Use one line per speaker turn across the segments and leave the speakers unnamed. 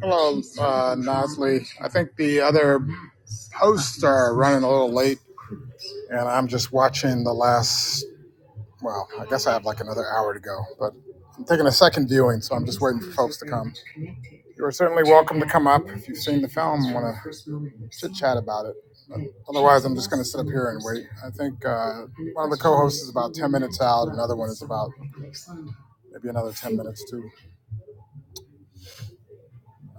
Hello, uh, Nosley. I think the other hosts are running a little late, and I'm just watching the last. Well, I guess I have like another hour to go, but I'm taking a second viewing, so I'm just waiting for folks to come. You are certainly welcome to come up if you've seen the film. Want to chit chat about it? But otherwise, I'm just going to sit up here and wait. I think uh, one of the co-hosts is about ten minutes out. Another one is about maybe another ten minutes too.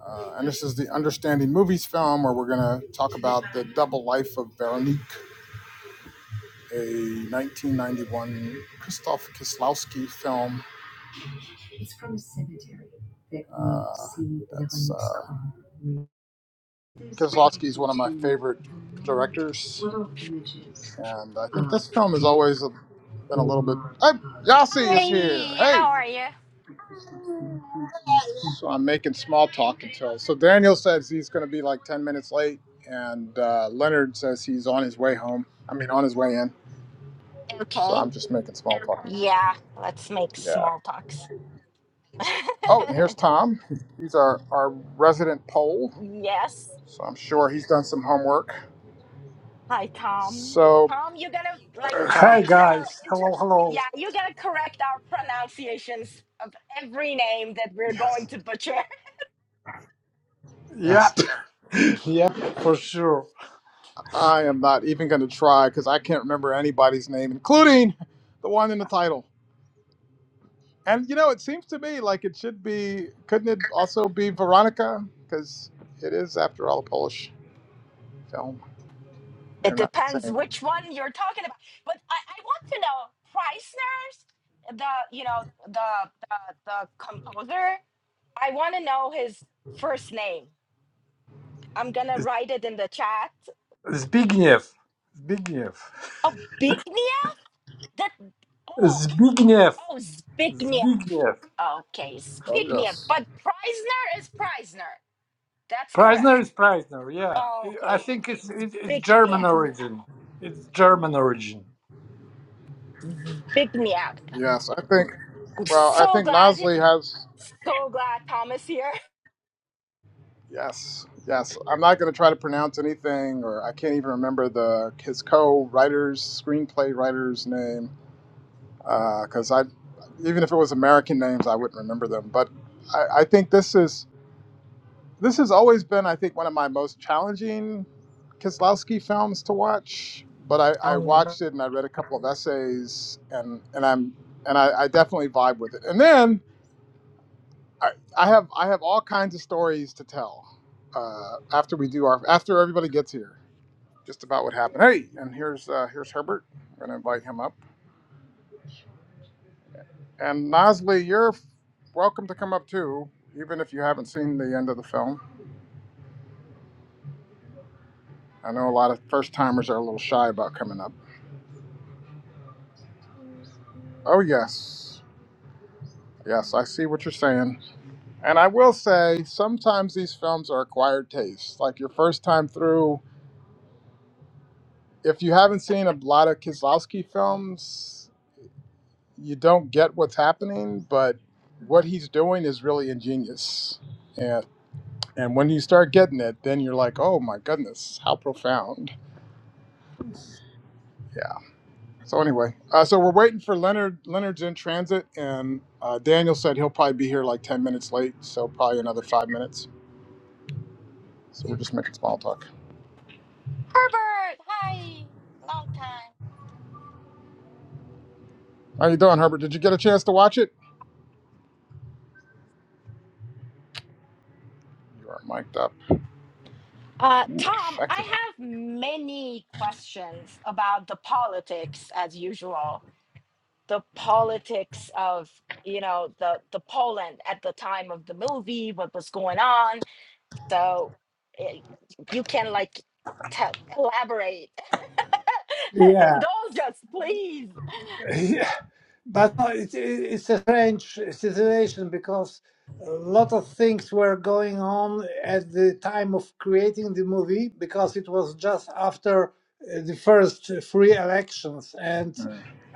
Uh, and this is the Understanding Movies film where we're going to talk about the double life of Veronique, a 1991 Krzysztof Kieslowski film. Uh, that's, uh, Kieslowski is one of my favorite directors. And I think this film is always a Been a little bit. Hey, Yossi is here.
Hi,
Hey.
how are you?
So I'm making small talk until. So Daniel says he's going to be like 10 minutes late, and uh, Leonard says he's on his way home. I mean, on his way in. So
Okay.
I'm just making small talk.
Yeah, let's make
Yeah.
small talks.
Oh, and here's Tom. He's our, our resident poll.
Yes.
So I'm sure he's done some homework.
Hi, Tom.
So,
Tom, you gotta like
hey,
Hi
Tom.
correct our
guys,
inter
hello, hello.
yeah, you gotta correct our pronunciations of every name that we're going
Yes.
to butcher.
Yes.
Yep, yep, for sure.
I am not even going to try because I can't remember anybody's name, including the one in the title. And you know, it seems to me like it should be. Couldn't it also be Veronica? Because it is, after all, a Polish film.
It
They're not the
depends
same.
which one you're talking about. But I, I want to know Preisner's the you know the the, the composer. I want to know his first name. I'm gonna
Z-
write it in the chat
Zbigniew, Zbigniew,
Oh, Bignia? That oh
Zbigniew,
oh Zbigniew.
Zbigniew.
Okay,
Oh
Zbigniew.
yes,
But Preisner is Preisner. That's
Preisner is
correct.
Preisner, yeah. I
Okay,
think it's it, it's
Bigniew.
German origin. It's German origin.
Zbigniew.
yes. I think.
I'm
Well, I
so
think
glad,
Nosley has.
so glad Thomas here.
Yes, yes. I'm not going to try to pronounce anything, or I can't even remember the his co-writer's screenplay writer's name, because I, even if it was American names, I wouldn't remember them. But I, I think this is. This has always been, I think, one of my most challenging Kieslowski films to watch. But I, I
Um, Herbert,
watched it and I read a couple of essays and and I'm and I, I definitely vibe with it. And then I, I have I have all kinds of stories to tell uh, after we do our after everybody gets here, just about what happened. Hey, and here's uh, here's Herbert. We're gonna invite him up. And Nosley, you're f- welcome to come up too, even if you haven't seen the end of the film. I know a lot of first timers are a little shy about coming up. Oh, yes. Yes, I see what you're saying. And I will say, sometimes these films are acquired taste. Like your first time through, if you haven't seen a lot of Kieslowski films, you don't get what's happening, but what he's doing is really ingenious. And, and when you start getting it, then you're like, oh my goodness, how profound. Yeah. So anyway, uh, so we're waiting for Leonard. Leonard's in transit, and uh, Daniel said he'll probably be here like 10 minutes late, so probably another five minutes. So we're just making small talk.
hi, long time.
How you doing, Herbert? Did you get a chance to watch it? You are mic'd up.
Uh,
Ooh,
Tom, I
affected him.
have many questions about the politics as usual. the politics of you know the the Poland at the time of the movie, what was going on. So eh, you can like tell, elaborate,
Yeah,
indulge us, please.
Yeah, but no, it, it, it's a strange situation because a lot of things were going on at the time of creating the movie because it was just after uh, the first free elections and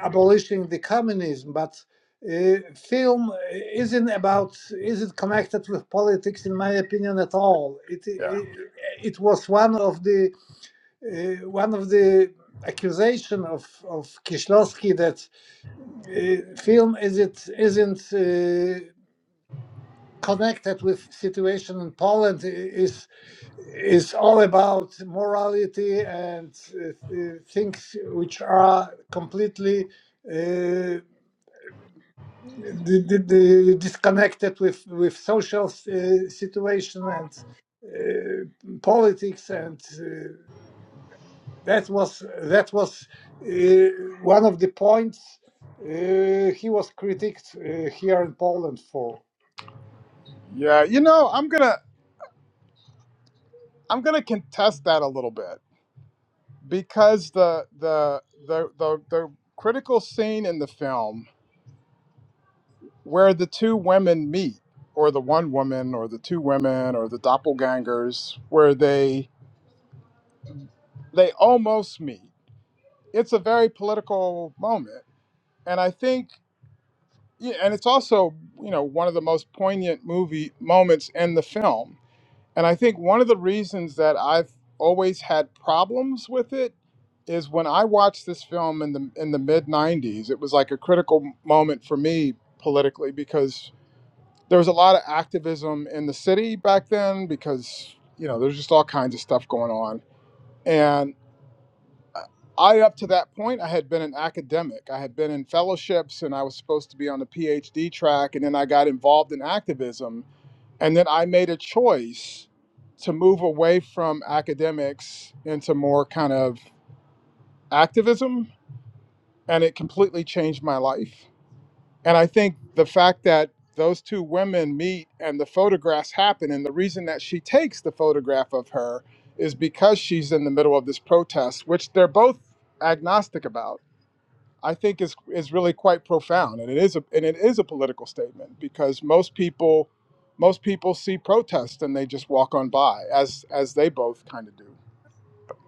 abolishing the communism. But uh, film isn't about isn't connected with politics in my opinion at all. It
Yeah.
it, it was one of the uh, one of the accusation of of Kieślowski that uh, film is it isn't uh, connected with situation in Poland is is all about morality and uh, uh, things which are completely uh, d- d- d- disconnected with with social uh, situation and uh, politics and uh, that was that was uh, one of the points uh, he was critiqued uh, here in Poland for.
Yeah. You know, I'm gonna I'm gonna contest that a little bit because the the the the, the critical scene in the film where the two women meet, or the one woman, or the two women, or the doppelgangers, where they they almost meet. It's a very political moment. And I think Yeah, and it's also you know one of the most poignant movie moments in the film. And I think one of the reasons that I've always had problems with it is when I watched this film in the in the mid '90s. It was like a critical moment for me politically because there was a lot of activism in the city back then because you know there's just all kinds of stuff going on I, up to that point, I had been an academic. I had been in fellowships and I was supposed to be on the PhD track. And then I got involved in activism. And then I made a choice to move away from academics into more kind of activism. And it completely changed my life. And I think the fact that those two women meet and the photographs happen, and the reason that she takes the photograph of her is because she's in the middle of this protest, which they're both agnostic about I think is is really quite profound, and it is a and it is a political statement because most people most people see protests and they just walk on by as as they both kind of do.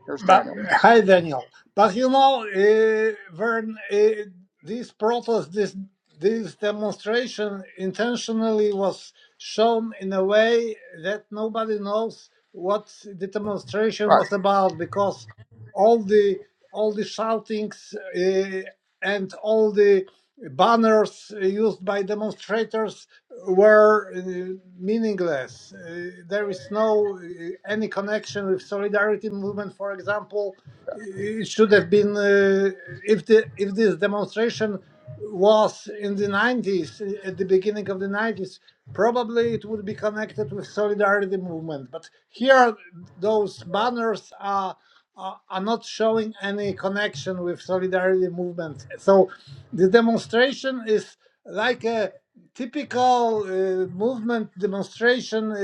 Here's
But,
Daniel.
hi, Daniel. But you know, uh, when uh, this protest, this this demonstration intentionally was shown in a way that nobody knows what the demonstration
Right.
was about because all the all the shoutings uh, and all the Banners used by demonstrators were uh, meaningless. Uh, there is no uh, any connection with solidarity movement, for example it should have been uh, if the if this demonstration was in the 90s uh, at the beginning of the 90s probably it would be connected with solidarity movement but here those banners are are, are not showing any connection with solidarity movement so the demonstration is like a typical uh, movement demonstration uh,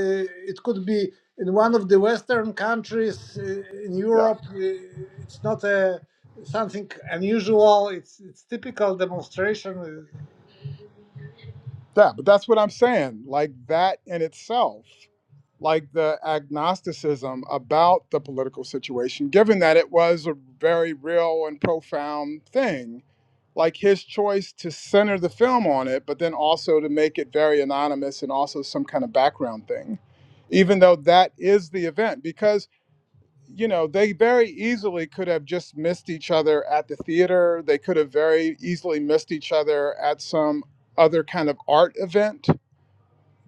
it could be in one of the western countries uh, in
Yeah.
europe Uh, it's not a something unusual. It's it's typical demonstration.
Yeah. But that's what I'm saying. Like that in itself, like the agnosticism about the political situation, given that it was a very real and profound thing like his choice to center the film on it, but then also to make it very anonymous and also some kind of background thing, even though that is the event. Because, you know, they very easily could have just missed each other at the theater, they could have very easily missed each other at some other kind of art event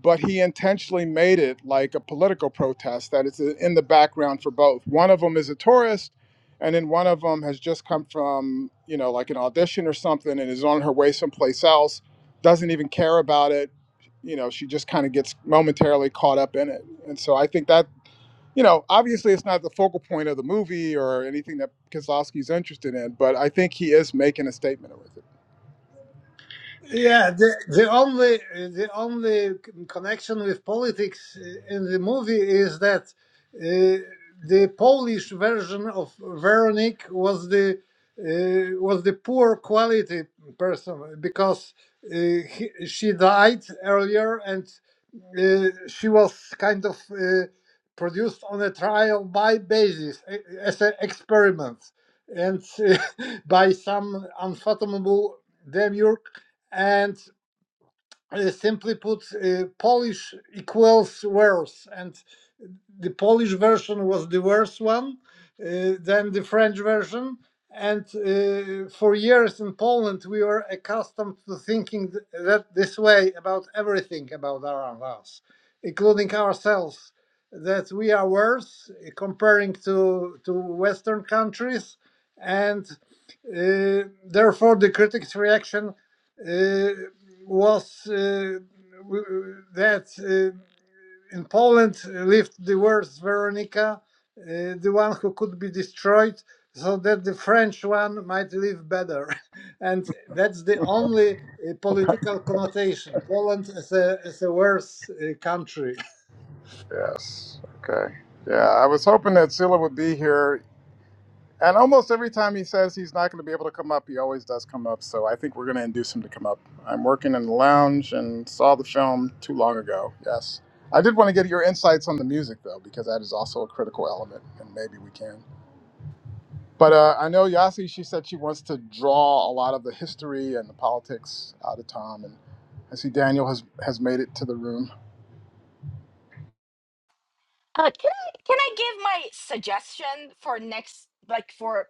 but he intentionally made it like a political protest that is in the background for both. One of them is a tourist, and then one of them has just come from, you know, like an audition or something and is on her way someplace else, doesn't even care about it. You know, she just kind of gets momentarily caught up in it. And so I think that, you know, obviously it's not the focal point of the movie or anything that Kozlowski's interested in, but I think he is making a statement with it.
Yeah, the the only the only connection with politics uh, in the movie is that uh, the Polish version of Veronique was the uh, was the poor quality person because uh, he, she died earlier and uh, she was kind of uh, produced on a trial by basis a- as an experiment and uh, by some unfathomable demiurge and uh, simply put uh, polish equals worse and the Polish version was the worst one, uh, then the French version. And uh, for years in Poland, we were accustomed to thinking that this way about everything about around us, including ourselves, that we are worse uh, comparing to, to Western countries. And uh, therefore, the critics' reaction uh, was uh, that. Uh, in Poland lived the worst Veronica, uh, the one who could be destroyed, so that the French one might live better. and that's the only uh, political connotation. Poland is a, is a worse uh, country.
Yes. Okay. Yeah, I was hoping that Scylla would be here. And almost every time he says he's not going to be able to come up, he always does come up. So I think we're going to induce him to come up. I'm working in the lounge and saw the film too long ago. Yes. I did want to get your insights on the music, though, because that is also a critical element, and maybe we can. But uh, I know Yasi, she said she wants to draw a lot of the history and the politics out of Tom. And I see Daniel has, has made it to the room.
Uh, can I can I give my suggestion for next like for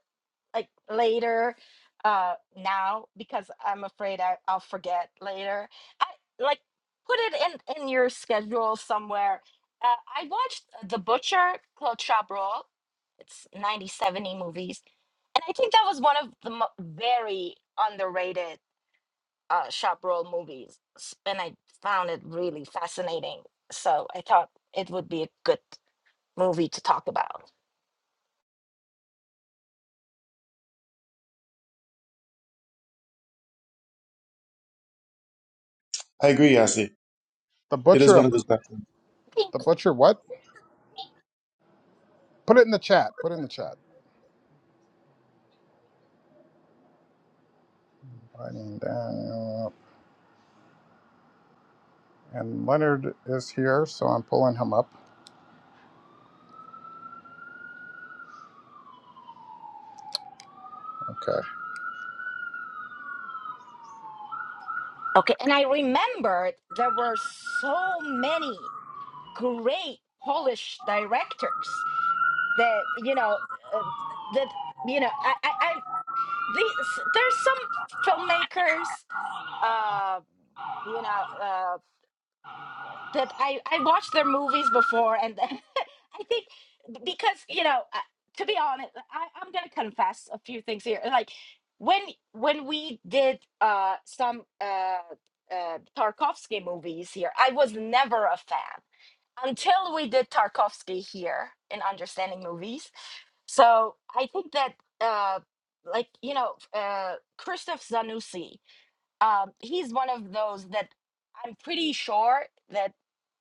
like later uh now because I'm afraid I, I'll forget later. I like put it in in your schedule somewhere. Uh, I watched The Butcher, Claude Chabrol. It's 90 70 movies. And I think that was one of the mo- very underrated uh Chabrol movies. S- And I found it really fascinating. So I thought it would be a good movie to talk about.
I agree, Yasi.
The
It is
butcher
one
of
of those spectrums.
Okay.
the butcher, what? Put it in the chat. Put it in the chat. I mean, Daniel. and Leonard is here, so I'm pulling him up. Okay.
Okay, And I remembered there were so many great Polish directors that, you know, uh, that, you know, I, I, I these, there's some filmmakers, uh, you know, uh, that I I watched their movies before, and I think because you know, uh, to be honest, I, I'm gonna confess a few things here. Like when when we did uh some uh, uh Tarkovsky movies here, I was never a fan until we did Tarkovsky here in Understanding Movies. So I think that uh like you know uh Christoph Zanussi um, he's one of those that I'm pretty sure that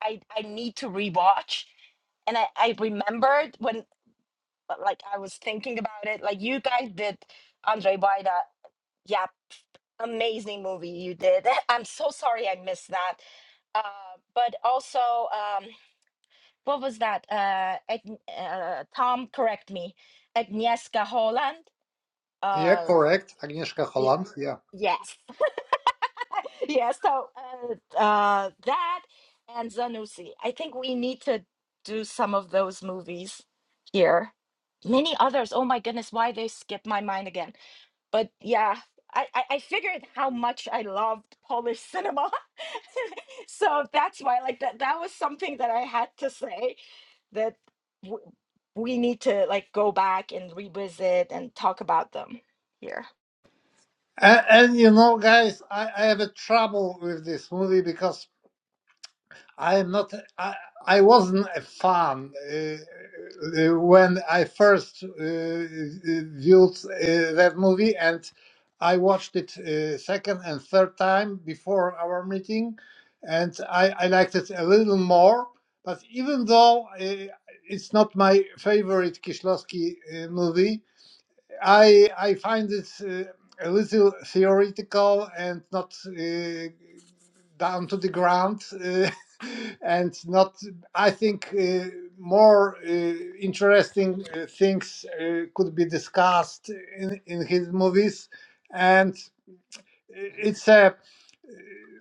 I I need to rewatch. And I, I remembered when uh, like I was thinking about it, like you guys did Andre Bida. Yeah, amazing movie you did. I'm so sorry I missed that. Uh, but also, um, what was that? Uh, Ag- uh, Tom, correct me. Agnieszka Holland.
Yeah,
Uh,
correct. Agnieszka
y-
Holland. Yeah.
yes. yeah so uh, uh that and Zanussi. i think we need to do some of those movies here many others oh my goodness why they skip my mind again but yeah i i, I figured how much i loved polish cinema so that's why like that that was something that i had to say that w- we need to like go back and revisit and talk about them here
And, and you know, guys, I, I have a trouble with this movie because I am not. I, I wasn't a fan uh, uh, when I first uh, viewed uh, that movie, and I watched it uh, second and third time before our meeting, and I, I liked it a little more. But even though uh, it's not my favorite Kieślowski uh, movie, I I find it uh, a little theoretical and not uh, down to the ground, uh, and not. I think uh, more uh, interesting uh, things uh, could be discussed in in his movies, and uh, it's a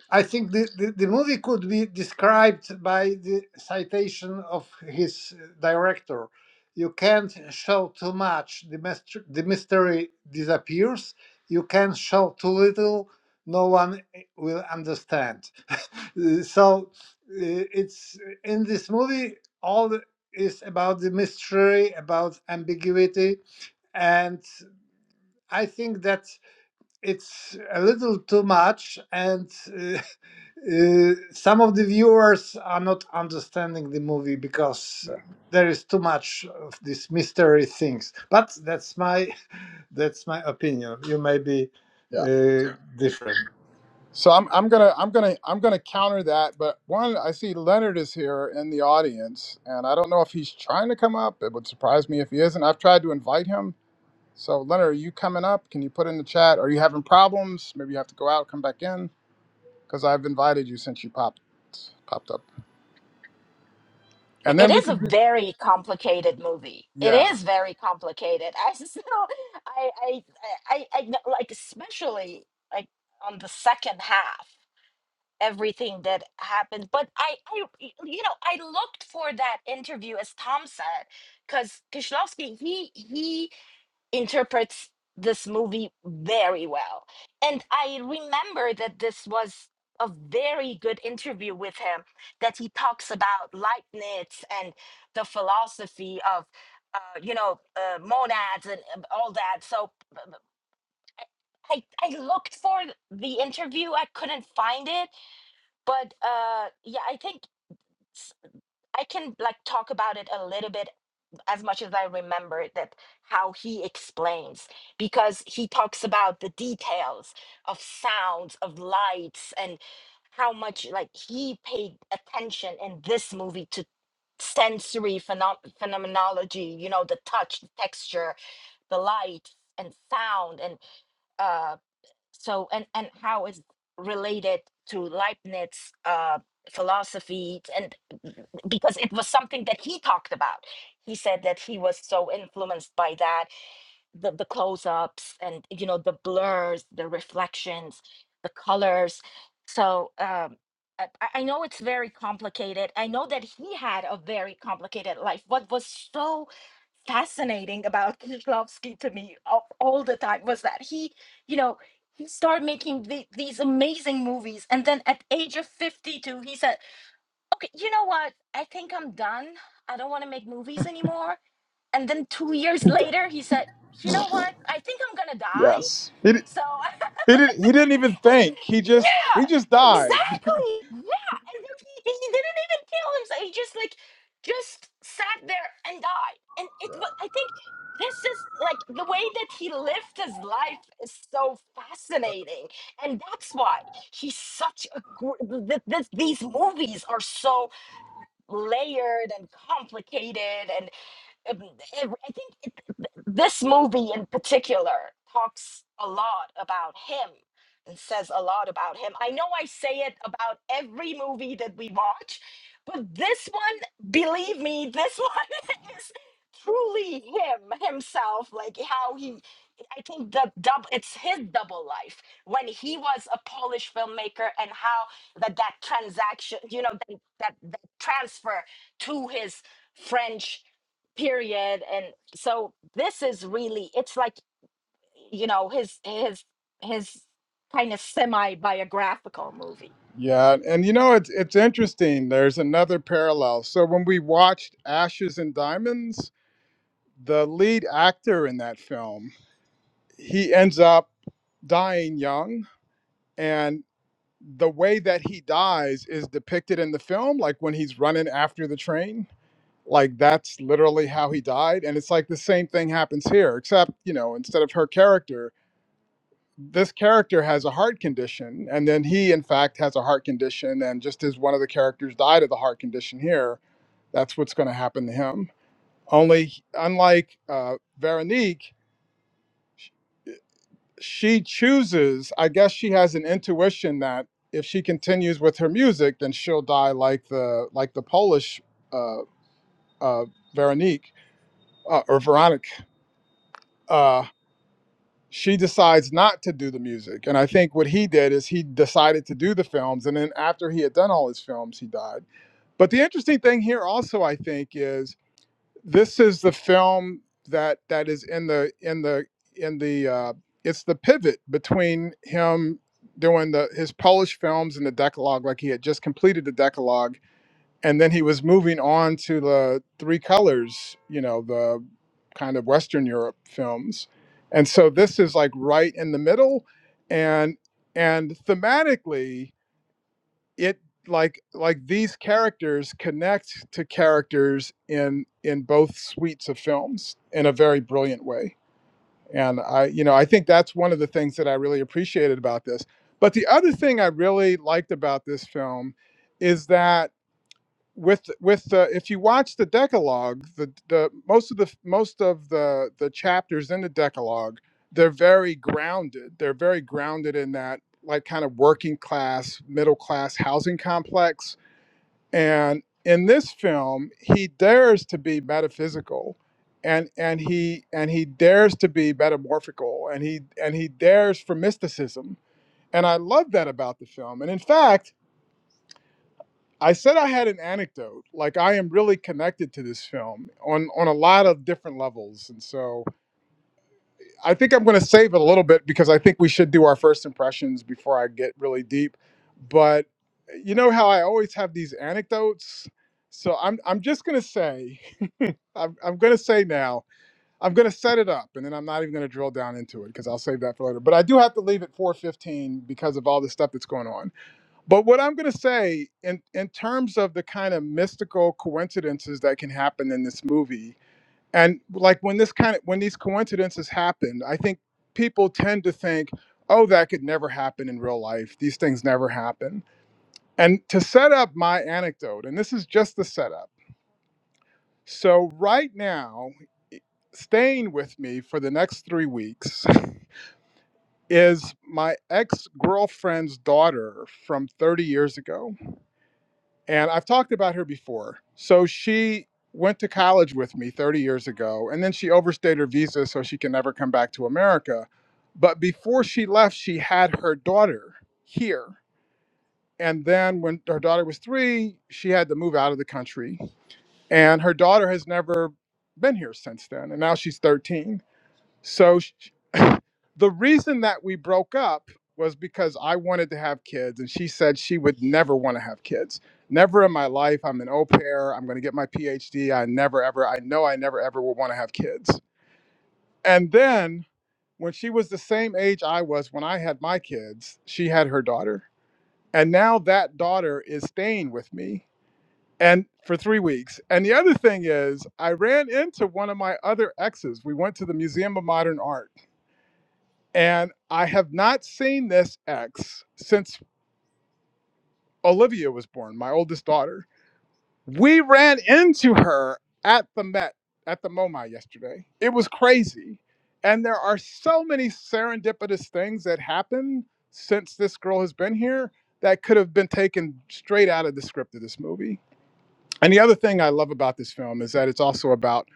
I think the, the, the movie could be described by the citation of his uh, director. You can't show too much, the, myster- the mystery disappears. You can show too little, no one eh, will understand. Uh, so uh, it's eh, in this movie, all is about the mystery, about ambiguity. And I think that it's a little too much and uh, uh, some of the viewers are not understanding the movie because there is too much of these mystery things. But that's my that's my opinion. You may be
Yeah.
uh, different.
So I'm, I'm gonna I'm gonna I'm gonna counter that, but one I see Leonard is here in the audience, and I don't know if he's trying to come up. It would surprise me if he isn't. I've tried to invite him. So Leonard, are you coming up? Can you put in the chat? Are you having problems? Maybe you have to go out, come back in, because I've invited you since you popped popped up. And then
it
we
is a
could do-
very complicated movie. It
yeah
is very complicated. I still, I, I, I, I kn- like, especially like on the second half, everything that happened. But I, I, you know, I looked for that interview as Tom said, because Kishlovsky, he, he interprets this movie very well. And I remember that this was a very good interview with him that he talks about Leibniz and the philosophy of uh, you know uh, monads and um, all that. So b- b- I I looked for th- the interview, I couldn't find it, but uh, yeah, I think s- I can like talk about it a little bit as much as I remember that how he explains because he talks about the details of sounds of lights and how much like he paid attention in this movie to sensory phenom- phenomenology you know the touch the texture the light and sound and uh so and and how it's related to leibniz uh philosophy and because it was something that he talked about he said that he was so influenced by that the, the close-ups and you know the blurs the reflections the colors so um I, I I know it's very complicated. I know that he had a very complicated life. What was so fascinating about Kieślowski to me all, all the time was that he, you know, he started making the, these amazing movies, and then at age of fifty-two, he said, "Okay, you know what? I think I'm done. I don't want to make movies anymore." And then two years later, he said, "You know what? I think I'm gonna die,
yes he di-
so
he didn't he didn't even think he just
yeah,
he just died.
exactly. Yeah, and then he, he didn't even kill himself. He just like just sat there and died. And it was I think this is like the way that he lived his life is so fascinating, and that's why he's such a. gr- th- th- th- these movies are so layered and complicated, um, ev- I think it, th- this movie in particular talks a lot about him and says a lot about him. I know I say it about every movie that we watch, but this one, believe me, this one is truly him himself. Like how he, I think the double, it's his double life when he was a Polish filmmaker and how that that transaction, you know, that that, that transfer to his French period and so this is really it's like you know his his his kind of semi biographical movie
Yeah, and you know it's it's interesting. There's another parallel. So when we watched Ashes and Diamonds, the lead actor in that film, he ends up dying young and the way that he dies is depicted in the film like when he's running after the train. Like that's literally how he died and it's like the same thing happens here except, you know, instead of her character this character has a heart condition and then he in fact has a heart condition and just as one of the characters died of the heart condition here that's what's going to happen to him only unlike uh, veronique sh- she chooses i guess she has an intuition that if she continues with her music then she'll die like the like the polish uh, uh, veronique uh, or veronica Uh, she decides not to do the music. And I think what he did is he decided to do the films. And then after he had done all his films, he died. But the interesting thing here also, I think, is this is the film that that is in the in the in the uh, it's the pivot between him doing the his Polish films and the Decalogue, like he had just completed the Decalogue and then he was moving on to the three colors you know the kind of western europe films and so this is like right in the middle and and thematically it like like these characters connect to characters in in both suites of films in a very brilliant way and i you know i think that's one of the things that i really appreciated about this but the other thing i really liked about this film is that with with the if you watch the Decalogue, the the most of the most of the the chapters in the Decalogue, they're very grounded. They're very grounded in that like kind of working class, middle class housing complex. And in this film, he dares to be metaphysical, and and he and he dares to be metamorphical, and he and he dares for mysticism. And I love that about the film. And in fact. I said I had an anecdote. Like I am really connected to this film on on a lot of different levels, and so I think I'm going to save it a little bit because I think we should do our first impressions before I get really deep. But you know how I always have these anecdotes, so I'm I'm just going to say I'm I'm going to say now I'm going to set it up, and then I'm not even going to drill down into it because I'll save that for later. But I do have to leave at 4:15 because of all the stuff that's going on. But what I'm going to say in, in terms of the kind of mystical coincidences that can happen in this movie, and like when this kind of when these coincidences happen, I think people tend to think, oh, that could never happen in real life. These things never happen. And to set up my anecdote, and this is just the setup. So right now, staying with me for the next three weeks is my ex-girlfriend's daughter from 30 years ago and I've talked about her before. So she went to college with me 30 years ago, and then she overstayed her visa, so she can never come back to America. But before she left, she had her daughter here. And then when her daughter was three, she had to move out of the country. And her daughter has never been here since then. And now she's 13. So sh- the reason that we broke up was because I wanted to have kids, and she said she would never want to have kids. Never in my life. I'm an au pair. I'm going to get my PhD. I never, ever, I know I never, ever will want to have kids. And then when she was the same age I was when I had my kids, she had her daughter. And now that daughter is staying with me and for three weeks. And the other thing is, I ran into one of my other exes. We went to the Museum of Modern Art And I have not seen this ex since Olivia was born, my oldest daughter. We ran into her at the Met, at the MoMA yesterday. It was crazy. And there are so many serendipitous things that happen since this girl has been here that could have been taken straight out of the script of this movie. And the other thing I love about this film is that it's also about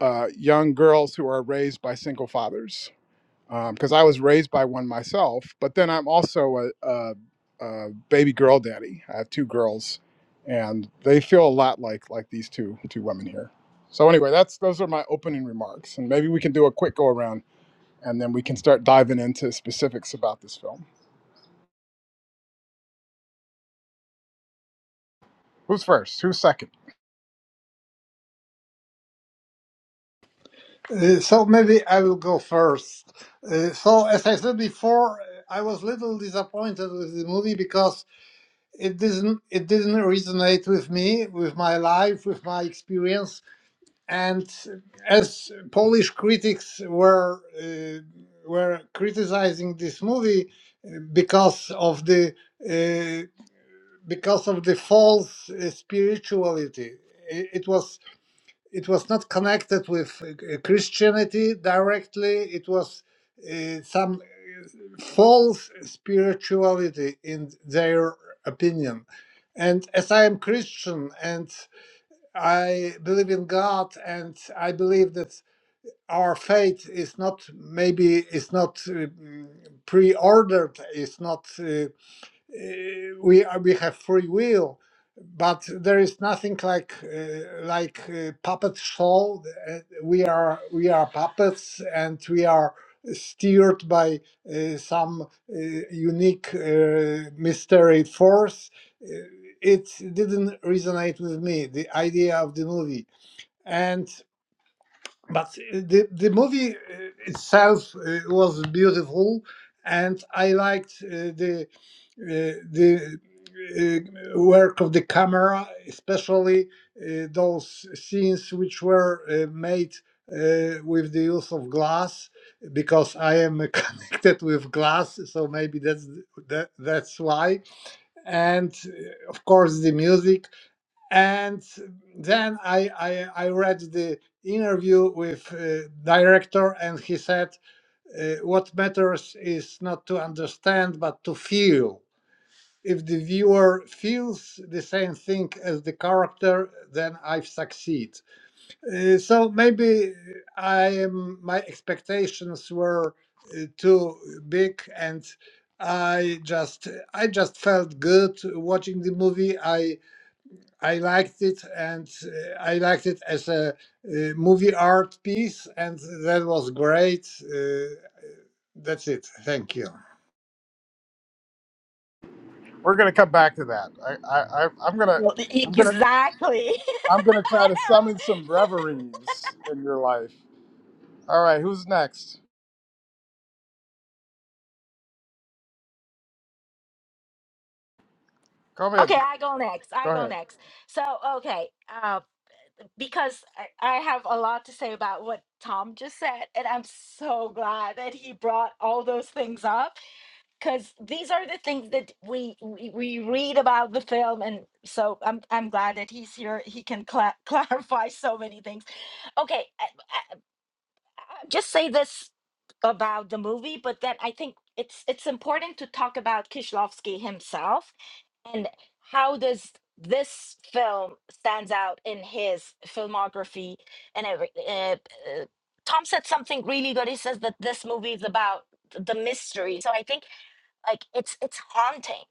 uh, young girls who are raised by single fathers because um, I was raised by one myself. But then I'm also a, a, a baby girl daddy. I have two girls, and they feel a lot like like these two two women here. So anyway, that's those are my opening remarks, and maybe we can do a quick go around, and then we can start diving into specifics about this film. Who's first? Who's second?
Uh, so maybe I will go first. Uh, so as I said before, I was little disappointed with the movie because it didn't it didn't resonate with me, with my life, with my experience and as Polish critics were uh, were criticizing this movie uh, because of the uh, because of the false uh, spirituality, I- it was it was not connected with uh, Christianity directly. It was uh, some uh, false spirituality in their opinion, and as I am Christian and I believe in God, and I believe that our fate is not maybe is not uh, mm, pre-ordered, is not. uh, eh, we are, we have free will, but there is nothing like uh, like uh, puppet show. Uh, we are we are puppets, and we are steered by uh, some uh, unique uh, mystery force. Uh, It didn't resonate with me the idea of the movie, and but the the movie uh, itself uh, was beautiful, and I liked uh, the uh, the uh, work of the camera, especially uh, those scenes which were uh, made uh, with the use of glass, because I am connected with glass, so maybe that's that, that's why. And uh, of course, the music. And then I I, I read the interview with uh, director, and he said, uh, "What matters is not to understand, but to feel." if the viewer feels the same thing as the character then i've succeeded. Uh, so maybe i am my expectations were uh, too big and i just i just felt good watching the movie i i liked it and uh, i liked it as a uh, movie art piece and that was great uh, that's it thank you
We're gonna come back to that. I, I, I I'm gonna
well,
I'm gonna
exactly I
I'm gonna try to summon
know.
some reveries in your life. All right, who's next? Go
okay
ahead.
i go next
Go
i go
ahead.
next so okay uh, because I, I have a lot to say about what tom just said and i'm so glad that he brought all those things up because these are the things that we, we we read about the film and so i'm i'm glad that he's here he can cla clarify so many things okay I, I, I just say this about the movie but then i think it's it's important to talk about kishlovsky himself and how does this film stands out in his filmography and every, uh, uh, tom said something really good he says that this movie is about the mystery so i think like it's it's haunting.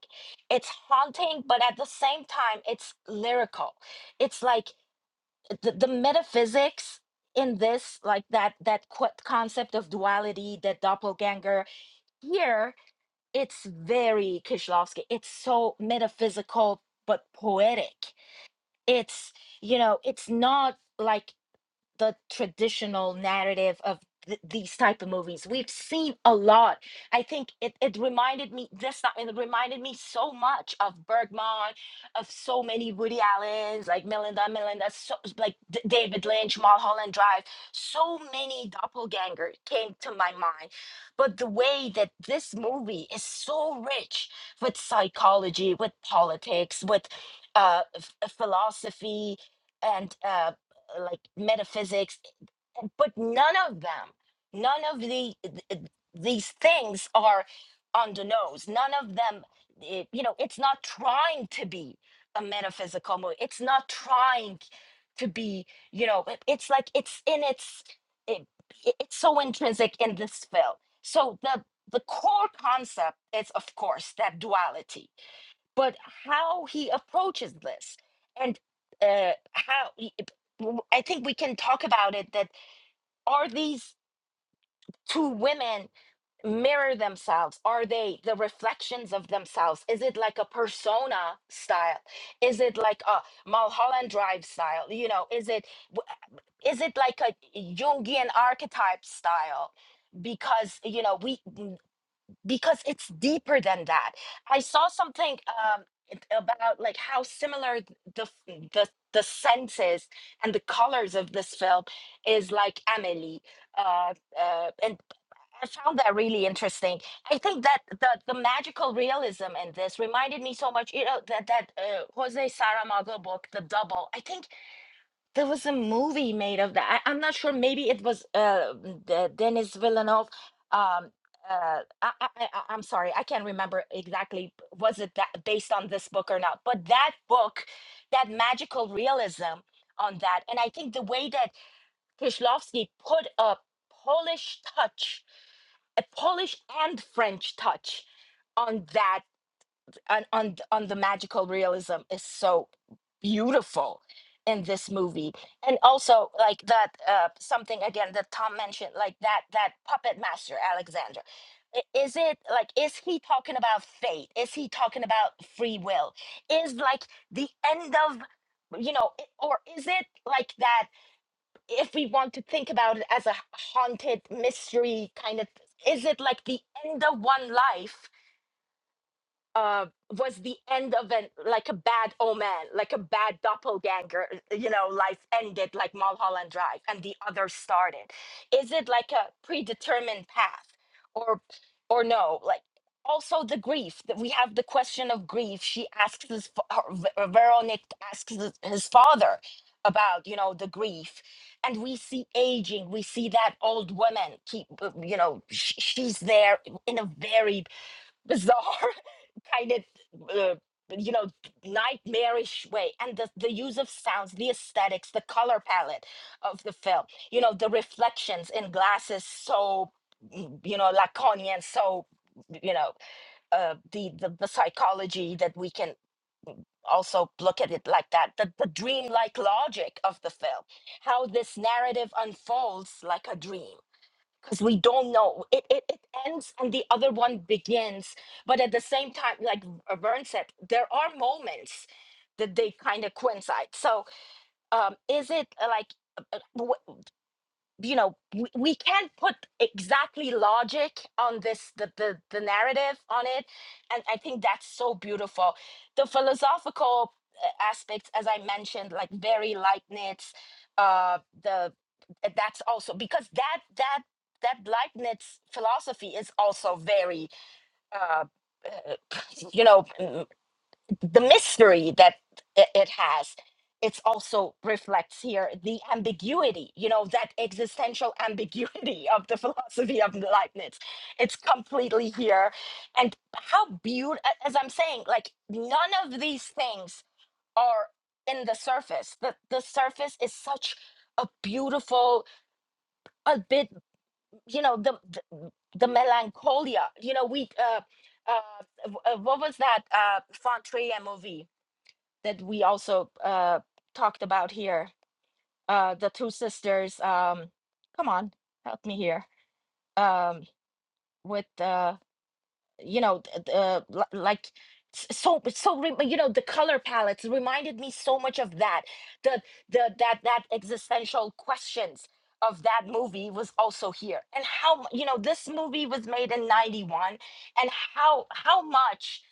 It's haunting, but at the same time, it's lyrical. It's like the, the metaphysics in this, like that that qu- concept of duality, the doppelganger. Here, it's very Kishlovsky. It's so metaphysical but poetic. It's you know, it's not like the traditional narrative of th- these type of movies we've seen a lot i think it, it reminded me this time it reminded me so much of bergman of so many woody allens like melinda melinda so, like D- david lynch mulholland drive so many doppelganger came to my mind but the way that this movie is so rich with psychology with politics with uh, f- philosophy and uh, uh, like metaphysics, but none of them, none of the th- these things are on the nose. None of them, it, you know, it's not trying to be a metaphysical movie. It's not trying to be, you know, it- it's like it's in its, it, it- it's so intrinsic in this film. So the the core concept is, of course, that duality but how he approaches this and uh, how he- it- think we can talk about it that are these two women mirror themselves are they the reflections of themselves is it like a persona style is it like a mulholland drive style you know is it is it like a jungian archetype style because you know we because it's deeper than that. I saw something um, it- about like how similar th- the f- the the senses and the colors of this film is like Amelie, uh, uh, and I found that really interesting. I think that the the magical realism in this reminded me so much. You know that that uh, Jose Saramago book, The Double. I think there was a movie made of that. I, I'm not sure. Maybe it was uh, the Denis Villeneuve. Um, uh, I, I, I, I'm sorry, I can't remember exactly. Was it that based on this book or not? But that book, that magical realism on that, and I think the way that Kieślowski put a Polish touch, a Polish and French touch on that on on th- on the magical realism is so beautiful in this movie and also like that uh something again that tom mentioned like that that puppet master alexander I- is it like is he talking about fate is he talking about free will is like the end of you know i- or is it like that if we want to think about it as a haunted mystery kind of is it like the end of one life uh, was the end of an like a bad omen, like a bad doppelganger. uh, You know, life ended like Mulholland Drive, and the other started. Is it like a predetermined path, or or no? Like also the grief that we have the question of grief. She asks his fa- her, Ver- Veronic asks his his father about you know the grief and we see aging we see that old woman keep uh, you know sh- she's there in a very bizarre kind of uh, you know nightmarish way and the, the use of sounds the aesthetics the color palette of the film you know the reflections in glasses so mm, you know laconian so you know uh, the, the the psychology that we can also look at it like that the, the dreamlike logic of the film how this narrative unfolds like a dream because we don't know it, it it ends and the other one begins but at the same time like uh, vern said there are moments that they kind of coincide so um is it uh, like you know we, we can't put exactly logic on this the, the the narrative on it and i think that's so beautiful the philosophical uh, aspects as i mentioned like very leibniz uh the that's also because that that that leibniz philosophy is also very uh uh, you know the mystery that i- it has it's also reflects here the ambiguity you know that existential ambiguity of the philosophy of leibniz it's completely here and how beautiful as i'm saying like none of these things are in the surface the, the surface is such a beautiful a bit you know the the, the melancholia you know we uh uh, w- uh, what was that uh Fontrier movie that we also uh, talked about here. Uh, the two sisters. Um, come on, help me here. Um, with the you know th- th- uh, li- like s- so so re- you know the color palettes reminded me so much of that the the that that existential questions of that movie was also here and how mu- you know this movie was made in 91 and how how much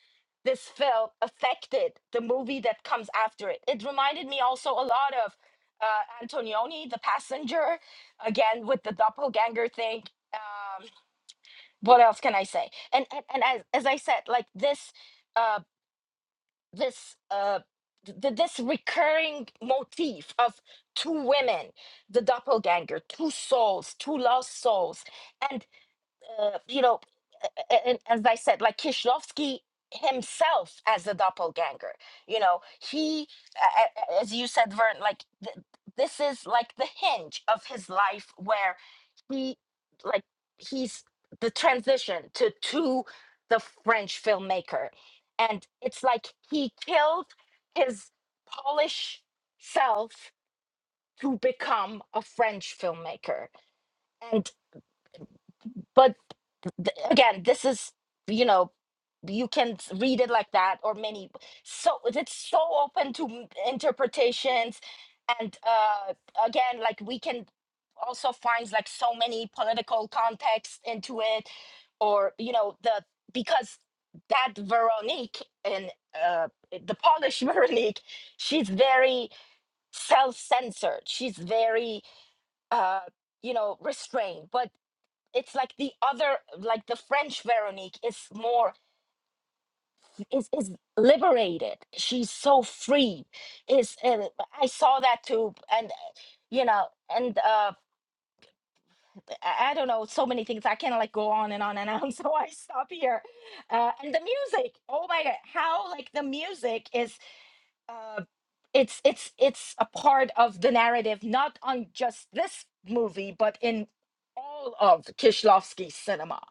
this film affected the movie that comes after it it reminded me also a lot of uh, antonioni the passenger again with the doppelganger thing Um what else can I say? And and, and as as I said, like this, uh, this uh, th- th- this recurring motif of two women, the doppelganger, two souls, two lost souls, and uh, you know, a- a- and as I said, like Kishlovsky himself as the doppelganger, you know, he, a- a- a- as you said, Vern, like th- this is like the hinge of his life where he, like, he's the transition to to the French filmmaker, and it's like he killed his Polish self to become a French filmmaker, and but th- again this is you know you can s- read it like that or many so it's so open to m- interpretations and uh again like we can also find like so many political context into it or you know the because that veronique and uh the polish veronique she's very self-censored she's very uh you know restrained but it's like the other like the french veronique is more is is liberated she's so free is uh, i saw that too and uh, you know and uh i I don't know so many things i can like go on and on and on so i stop here uh and the music oh my god how like the music is uh it's it's it's a part of the narrative not on just this movie but in all of kishlovsky's cinema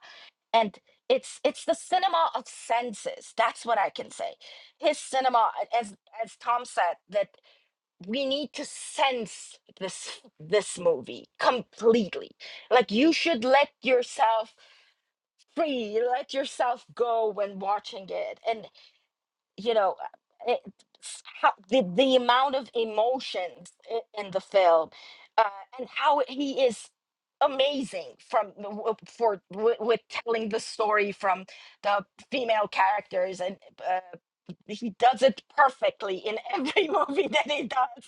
and it's it's the cinema of senses that's what i can say his cinema as as tom said that we need to sense this this movie completely like you should let yourself free let yourself go when watching it and you know it, how, the, the amount of emotions i- in the film uh, and how he is amazing from the w- for w- with telling the story from the female characters and uh, he does it perfectly in every movie that he does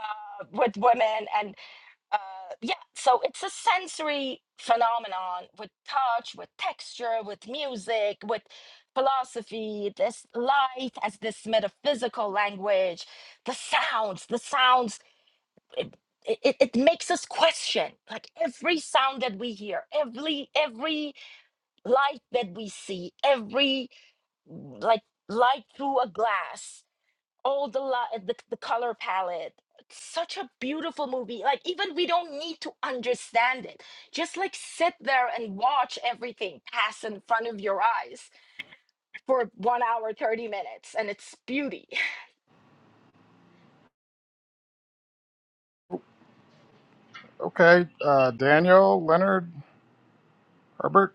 uh, with women and uh, yeah, so it's a sensory phenomenon with touch, with texture, with music, with philosophy. This light as this metaphysical language, the sounds, the sounds. It, it, it it makes us question like every sound that we hear every every light that we see every like light through a glass all the li- the, the color palette such a beautiful movie like even we don't need to understand it just like sit there and watch everything pass in front of your eyes for 1 hour 30 minutes and it's beauty
Okay, uh, Daniel, Leonard, Herbert.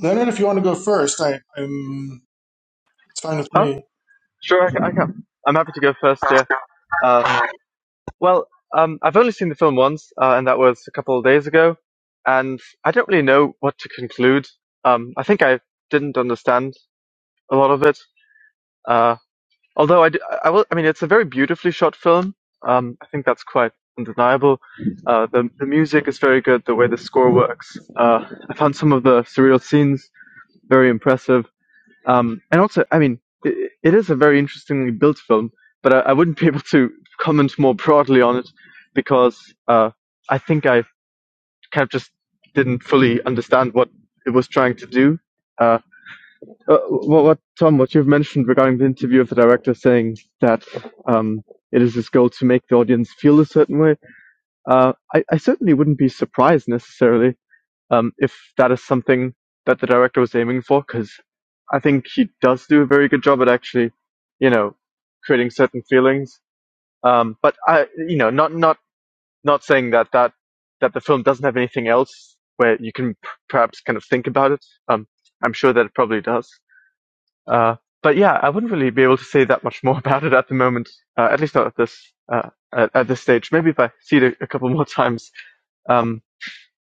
Leonard, if you want to go first, I, I'm, it's fine with
Oh,
me.
sure, I, I can. I'm happy to go first, yeah. Uh,
Uh,
well, um, I've only seen the film once, uh, and that was a couple of days ago, and I don't really know what to conclude. Um, I think I didn't understand a lot of it, uh, although I, d- I- I will, I mean, it's a very beautifully shot film. Um, I think that's quite undeniable. Uh, the, the music is very good, the way the score works. Uh, I found some of the surreal scenes very impressive. Um, and also, I mean, it, it is a very interestingly built film, but I, I wouldn't be able to comment more broadly on it because uh, I think I kind of just didn't fully understand what it was trying to do. Uh, uh, what, what Tom, what you've mentioned regarding the interview of the director saying that um, it is his goal to make the audience feel a certain way, uh, I, I certainly wouldn't be surprised necessarily um, if that is something that the director was aiming for, because I think he does do a very good job at actually, you know, creating certain feelings. Um, but I, you know, not not not saying that that that the film doesn't have anything else where you can p- perhaps kind of think about it. Um, I'm sure that it probably does. Uh, but yeah, I wouldn't really be able to say that much more about it at the moment. Uh, at least not at this uh, at, at this stage. Maybe if I see it a, a couple more times, um,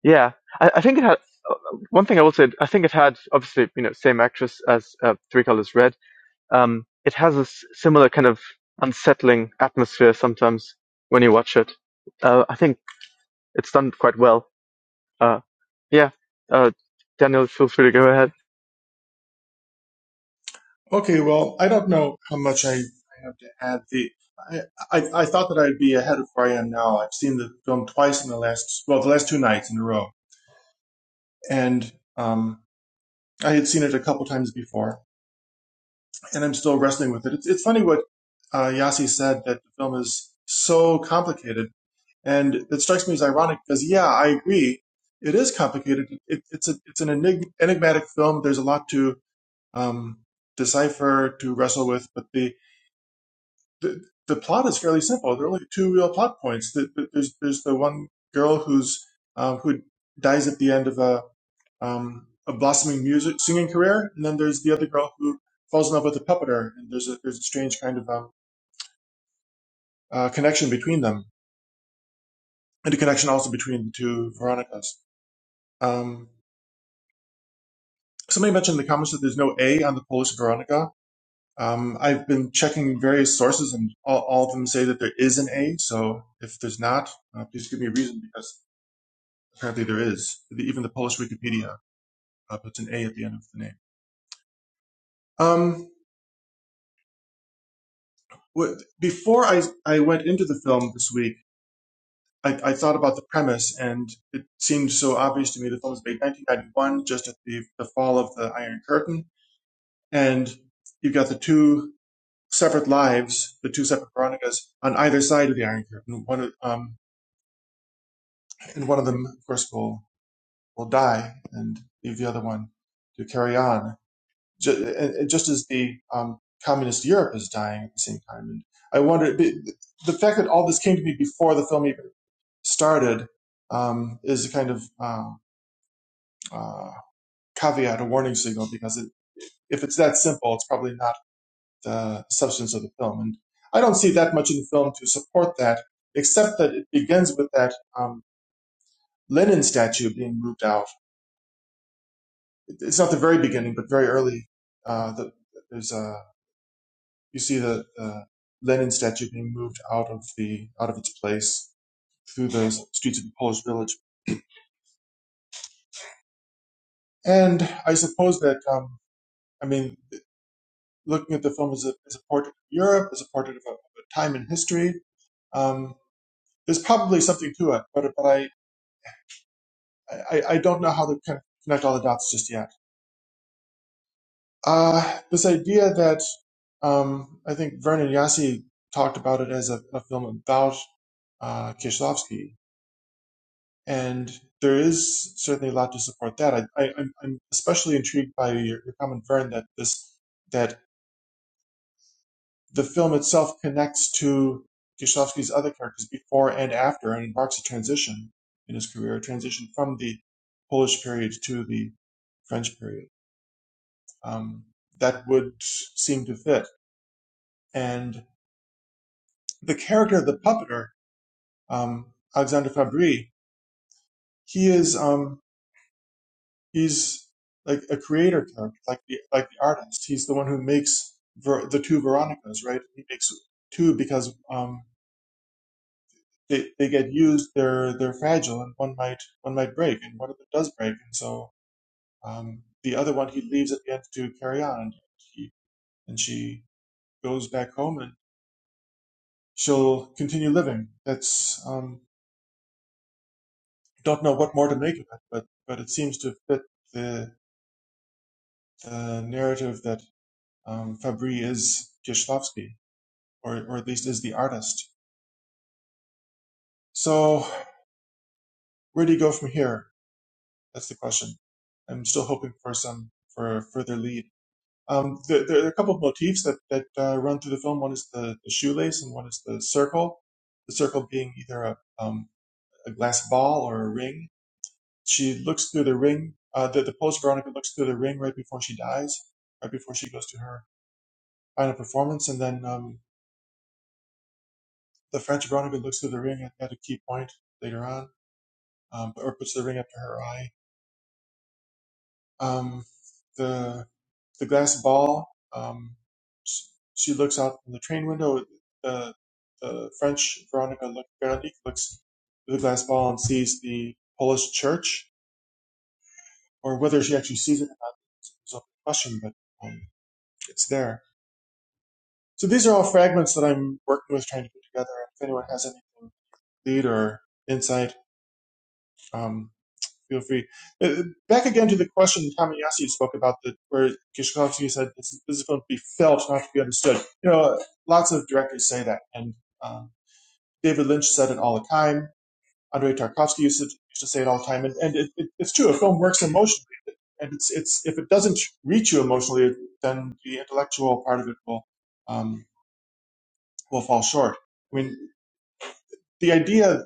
yeah, I, I think it had uh, one thing I will say. I think it had obviously you know same actress as uh, Three Colors Red. Um, it has a s- similar kind of unsettling atmosphere sometimes when you watch it. Uh, I think it's done quite well. Uh, yeah, uh, Daniel, feel free to go ahead.
Okay, well, I don't know how much I, I have to add. The I, I I thought that I'd be ahead of where I am now. I've seen the film twice in the last well, the last two nights in a row, and um, I had seen it a couple times before, and I'm still wrestling with it. It's it's funny what uh, Yasi said that the film is so complicated And it strikes me as ironic because, yeah, I agree. It is complicated. It, it's a, it's an enig- enigmatic film. There's a lot to um, decipher, to wrestle with, but the, the the plot is fairly simple. There are only two real plot points. The, the- there's there's the one girl who's um, who dies at the end of a um, a blossoming music singing career, and then there's the other girl who falls in love with a puppeteer, and there's a there's a strange kind of um, uh, connection between them, and a connection also between the two Veronicas. Um, Somebody mentioned in the comments that there's no A on the Polish Veronica. Um, I've been checking various sources, and all, all of them say that there is an A. So if there's not, uh, please give me a reason because apparently there is. Even the Polish Wikipedia uh, puts an A at the end of the name. Um, wh- before I, I went into the film this week, I, I thought about the premise, and it seemed so obvious to me. The film was made 1991, just at the, the fall of the Iron Curtain, and you've got the two. separate lives, the two separate Veronicas on either side of the Iron Curtain. One, of- um, and one of them, of course, will will die and leave the other one to carry on. Just, and, just as the um, communist Europe is dying at the same time, and I wonder the, the fact that all this came to me before the film even started um, is a kind of uh, uh, caveat, a warning signal, because it, if it's that simple, it's probably not uh, substance of the film. And I don't see that much in the film to support that, except that it begins with that um, Lenin statue being moved out. It's not the very beginning, but very early. Uh, the, there's a you see the, the Lenin statue being moved out of the out of its place through the streets of the Polish village. And I suppose that um, I mean, looking at the film as a, as a portrait of Europe, as a portrait of a, of a time in history, um, there's probably something to it. But but I I, I don't know how to con- connect all the dots just yet. Uh, this idea that um, I think Vernon Yassi talked about it as a, a film about uh, Kieślowski, and there is certainly a lot to support that. I, I, I'm I'm especially intrigued by your, your comment, Vern, that this that the film itself connects to Kieślowski's other characters before and after, and marks a transition in his career, a transition from the Polish period to the French period. um, that would seem to fit. And the character of the puppeteer um, Alexander Fabry, he is um, he's like a creator character, like the like the artist. He's the one who makes ver- the two Veronicas, right? He makes two because um, they they get used. They're they're fragile, and one might one might break, and one of them does break, and so um, the other one he leaves at the end to carry on, and he and she goes back home and she'll continue living. That's um, don't know what more to make of it, but but it seems to fit the the narrative that um, Fabry is Kieślowski, or or at least is the artist. So where do you go from here? That's the question. I'm still hoping for some for further lead. Um, there, there are a couple of motifs that that uh, run through the film. One is the, the shoelace, and one is the circle. The circle being either a um, a glass ball or a ring, She looks through the ring. Uh, the, the post Veronica looks through the ring right before she dies, right before she goes to her final performance, and then um, the French Veronica looks through the ring at, at a key point later on, um, or puts the ring up to her eye. Um, the the glass ball. Um, s- she looks out from the train window. The the French Veronica look, Veronique looks through the glass ball and sees the Polish church, or whether she actually sees it or not is a question, but um, it's there So these are all fragments that I'm working with trying to put together. If anyone has anything to lead or insight, um, feel free. Uh, back again to the question Tamayasu spoke about, the, where Kishkovsky said this, this is going to be felt, not to be understood. You know, lots of directors say that, and um, David Lynch said it all the time. Andrei Tarkovsky used to, used to say it all the time, and, and it, it, it's true. A film works emotionally, and it's it's if it doesn't reach you emotionally, then the intellectual part of it will um, will fall short. I mean. the idea,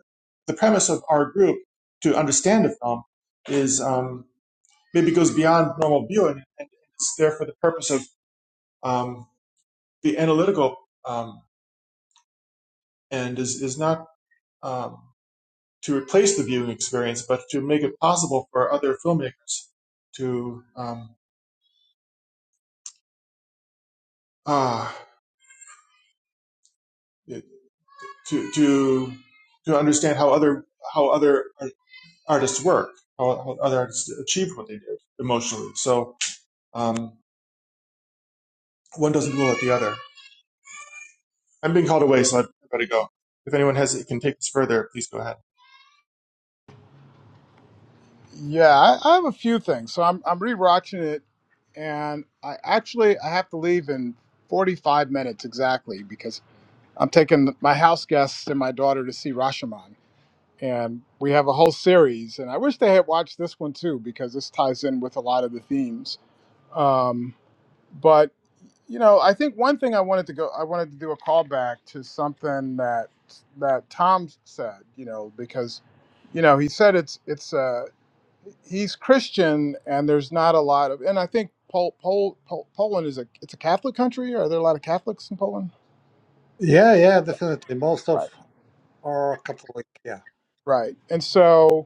the premise of our group to understand a film is um, maybe goes beyond normal viewing, and it's there for the purpose of um, the analytical, um, and is is not um, to replace the viewing experience, but to make it possible for other filmmakers to um, ah to to to understand how other how other artists work, how, how other artists achieve what they did emotionally. So um, one doesn't rule out the other. I'm being called away, so I better go. If anyone has it can take this further, please go ahead.
Yeah, I, I have a few things. So I'm I'm rewatching it, and I actually I have to leave in 45 minutes exactly because I'm taking my house guests and my daughter to see Rashomon, and we have a whole series. And I wish they had watched this one too because this ties in with a lot of the themes. Um, But you know, I think one thing I wanted to go, I wanted to do a callback to something that that Tom said. You know, because you know he said it's it's uh, he's Christian and there's not a lot of, and I think Pol, Pol, Pol, Poland is a it's a Catholic country. Are there a lot of Catholics in Poland?
yeah yeah definitely most of
Right,
are catholic yeah
right. And so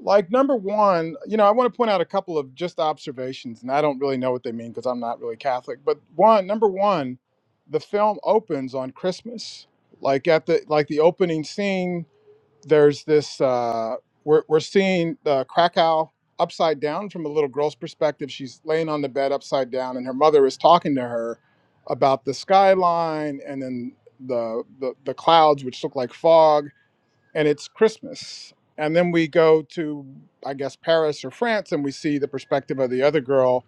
like number one you know i want to point out a couple of just observations and i don't really know what they mean because i'm not really catholic but one number one the film opens on christmas like at the like the opening scene there's this uh we're, we're seeing uh, krakow upside down from a little girl's perspective she's laying on the bed upside down and her mother is talking to her about the skyline and then the the, the clouds which look like fog and it's Christmas. And then we go to, I guess, Paris or France, and we see the perspective of the other girl,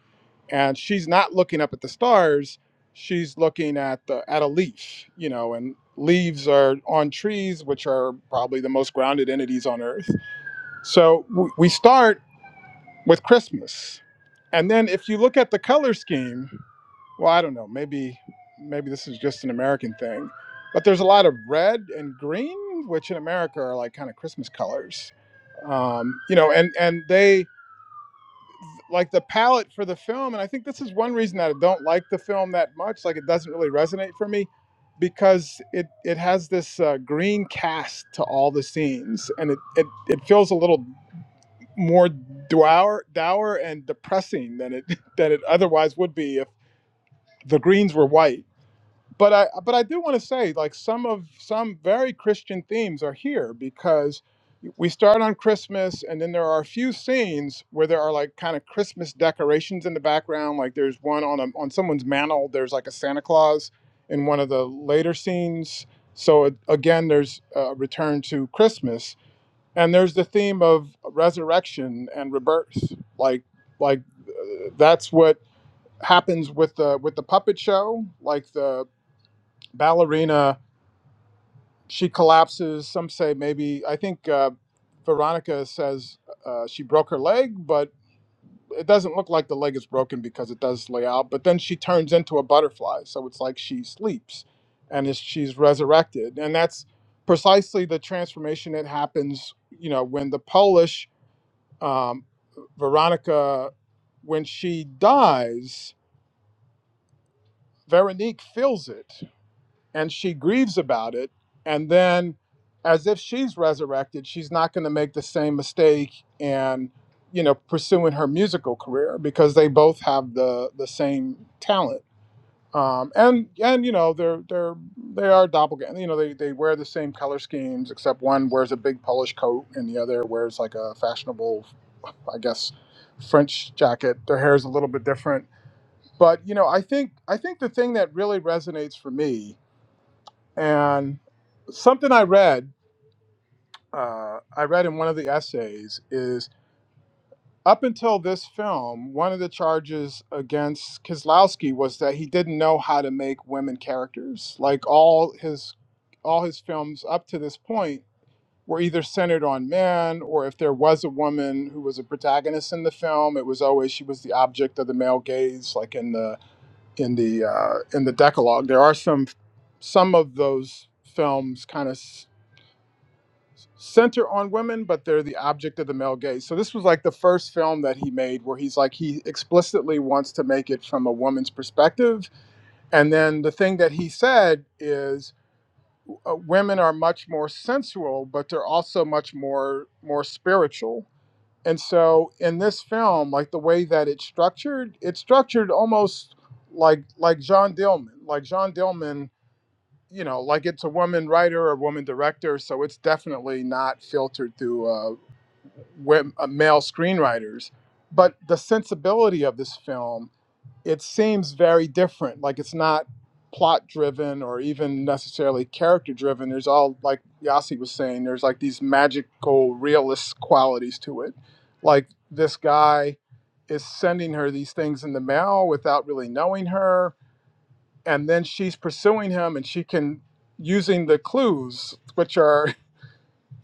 and she's not looking up at the stars; she's looking at the at a leaf, you know. And leaves are on trees, which are probably the most grounded entities on Earth. So w- we start with Christmas, and then if you look at the color scheme, well, I don't know, maybe maybe this is just an American thing, but there's a lot of red and green, which in America are like kind of Christmas colors. Um, you know, and and they like the palette for the film, and I think this is one reason that I don't like the film that much. Like it doesn't really resonate for me because it it has this uh, green cast to all the scenes, and it it, it feels a little more dour, dour and depressing than it than it otherwise would be if the Greens were white. But I but I do want to say like some of some very Christian themes are here because we start on Christmas and then there are a few scenes where there are like kind of Christmas decorations in the background. Like there's one on a, on someone's mantle. There's like a Santa Claus in one of the later scenes. So it, again, there's a return to Christmas and there's the theme of resurrection and rebirth like like uh, that's what happens with the with the puppet show like the ballerina she collapses some say maybe i think uh, veronica says uh, she broke her leg but it doesn't look like the leg is broken because it does lay out but then she turns into a butterfly so it's like she sleeps and is, she's resurrected and that's precisely the transformation that happens you know when the polish um, Veronica, when she dies, Veronique feels it and she grieves about it. And then, as if she's resurrected, she's not going to make the same mistake and you know pursuing her musical career because they both have the the same talent um, and and you know they're they're they are doppelganger. You know they they wear the same color schemes except one wears a big Polish coat and the other wears like a fashionable, I guess, French jacket. Their hair is a little bit different, but you know I think I think the thing that really resonates for me and something I read uh, I read in one of the essays is up until this film, one of the charges against Kislowski was that he didn't know how to make women characters. Like all his all his films up to this point were either centered on men or if there was a woman who was a protagonist in the film, it was always she was the object of the male gaze, like in the in the uh, in the Decalogue. There are some some of those films kind of s- center on women, but they're the object of the male gaze. So this was like the first film that he made where he's like he explicitly wants to make it from a woman's perspective. And then the thing that he said is uh, women are much more sensual, but they're also much more more spiritual. And so in this film, like the way that it's structured, it's structured almost like like John Dillman, like John Dillman you know, like it's a woman writer or a woman director, so it's definitely not filtered through uh, uh, male screenwriters. But the sensibility of this film, it seems very different. Like it's not plot driven or even necessarily character driven. There's all, like Yasi was saying, there's like these magical, realist qualities to it. Like this guy is sending her these things in the mail without really knowing her and then she's pursuing him and she can using the clues which are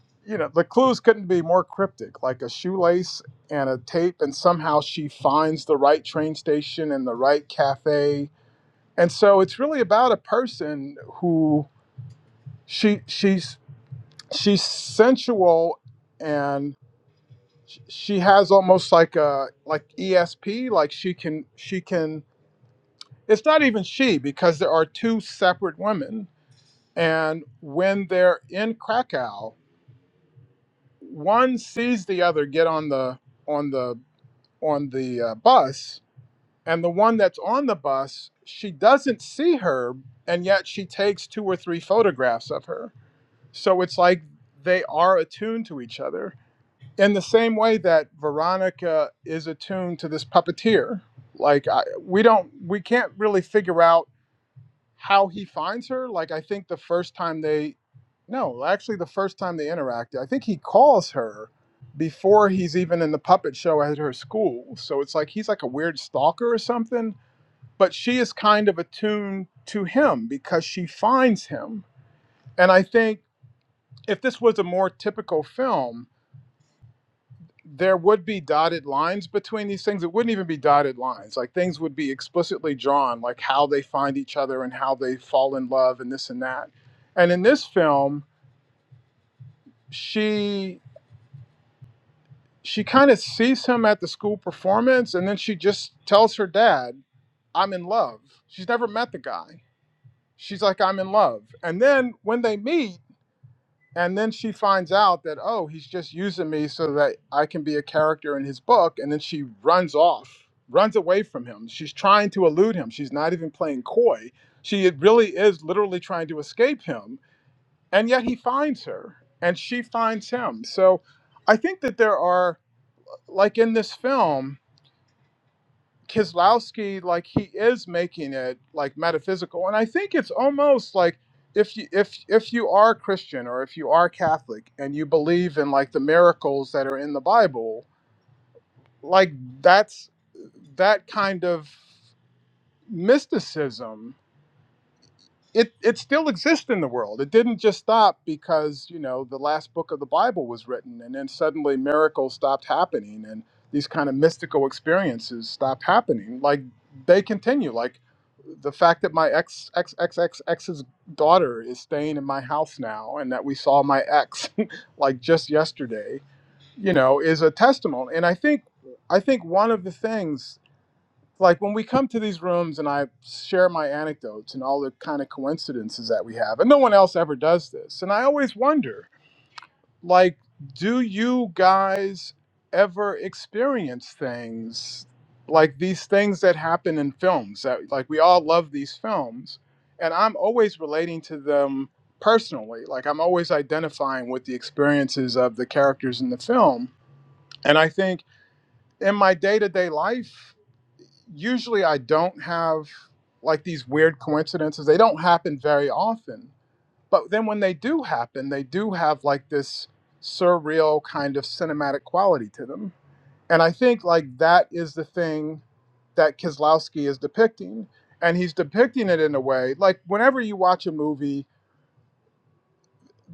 you know the clues couldn't be more cryptic like a shoelace and a tape and somehow she finds the right train station and the right cafe and so it's really about a person who she she's she's sensual and sh- she has almost like a like ESP like she can she can it's not even she because there are two separate women And when they're in Krakow, one sees the other get on the on the on the uh, bus, and the one that's on the bus, she doesn't see her, and yet she takes two or three photographs of her. So it's like they are attuned to each other in the same way that Veronica is attuned to this puppeteer. Like I, we don't, we can't really figure out how he finds her like i think the first time they no actually the first time they interacted i think he calls her before he's even in the puppet show at her school so it's like he's like a weird stalker or something but she is kind of attuned to him because she finds him and i think if this was a more typical film there would be dotted lines between these things. It wouldn't even be dotted lines. Like things would be explicitly drawn, like how they find each other and how they fall in love and this and that. And in this film, she she kind of sees him at the school performance and then she just tells her dad, I'm in love. She's never met the guy. She's like, I'm in love. And then when they meet, and then she finds out that oh he's just using me so that i can be a character in his book and then she runs off runs away from him she's trying to elude him she's not even playing coy she really is literally trying to escape him and yet he finds her and she finds him so i think that there are like in this film Kislowski, like he is making it like metaphysical, and I think it's almost like if you if if you are Christian or if you are Catholic and you believe in like the miracles that are in the Bible, like that's that kind of mysticism it it still exists in the world. It didn't just stop because you know the last book of the Bible was written, and then suddenly miracles stopped happening, and these kind of mystical experiences stopped happening. Like they continue. Like the fact that my ex ex ex ex ex's daughter is staying in my house now, and that we saw my ex like just yesterday, you know, is a testimony. And I think I think one of the things like when we come to these rooms and I share my anecdotes and all the kind of coincidences that we have, and no one else ever does this. And I always wonder, like, do you guys ever experience things like these things that happen in films that like we all love these films and I'm always relating to them personally. Like I'm always identifying with the experiences of the characters in the film. And I think in my day-to-day life, usually I don't have like these weird coincidences. They don't happen very often. But then when they do happen, they do have like this surreal kind of cinematic quality to them. And I think like that is the thing that Kislowski is depicting. And he's depicting it in a way like whenever you watch a movie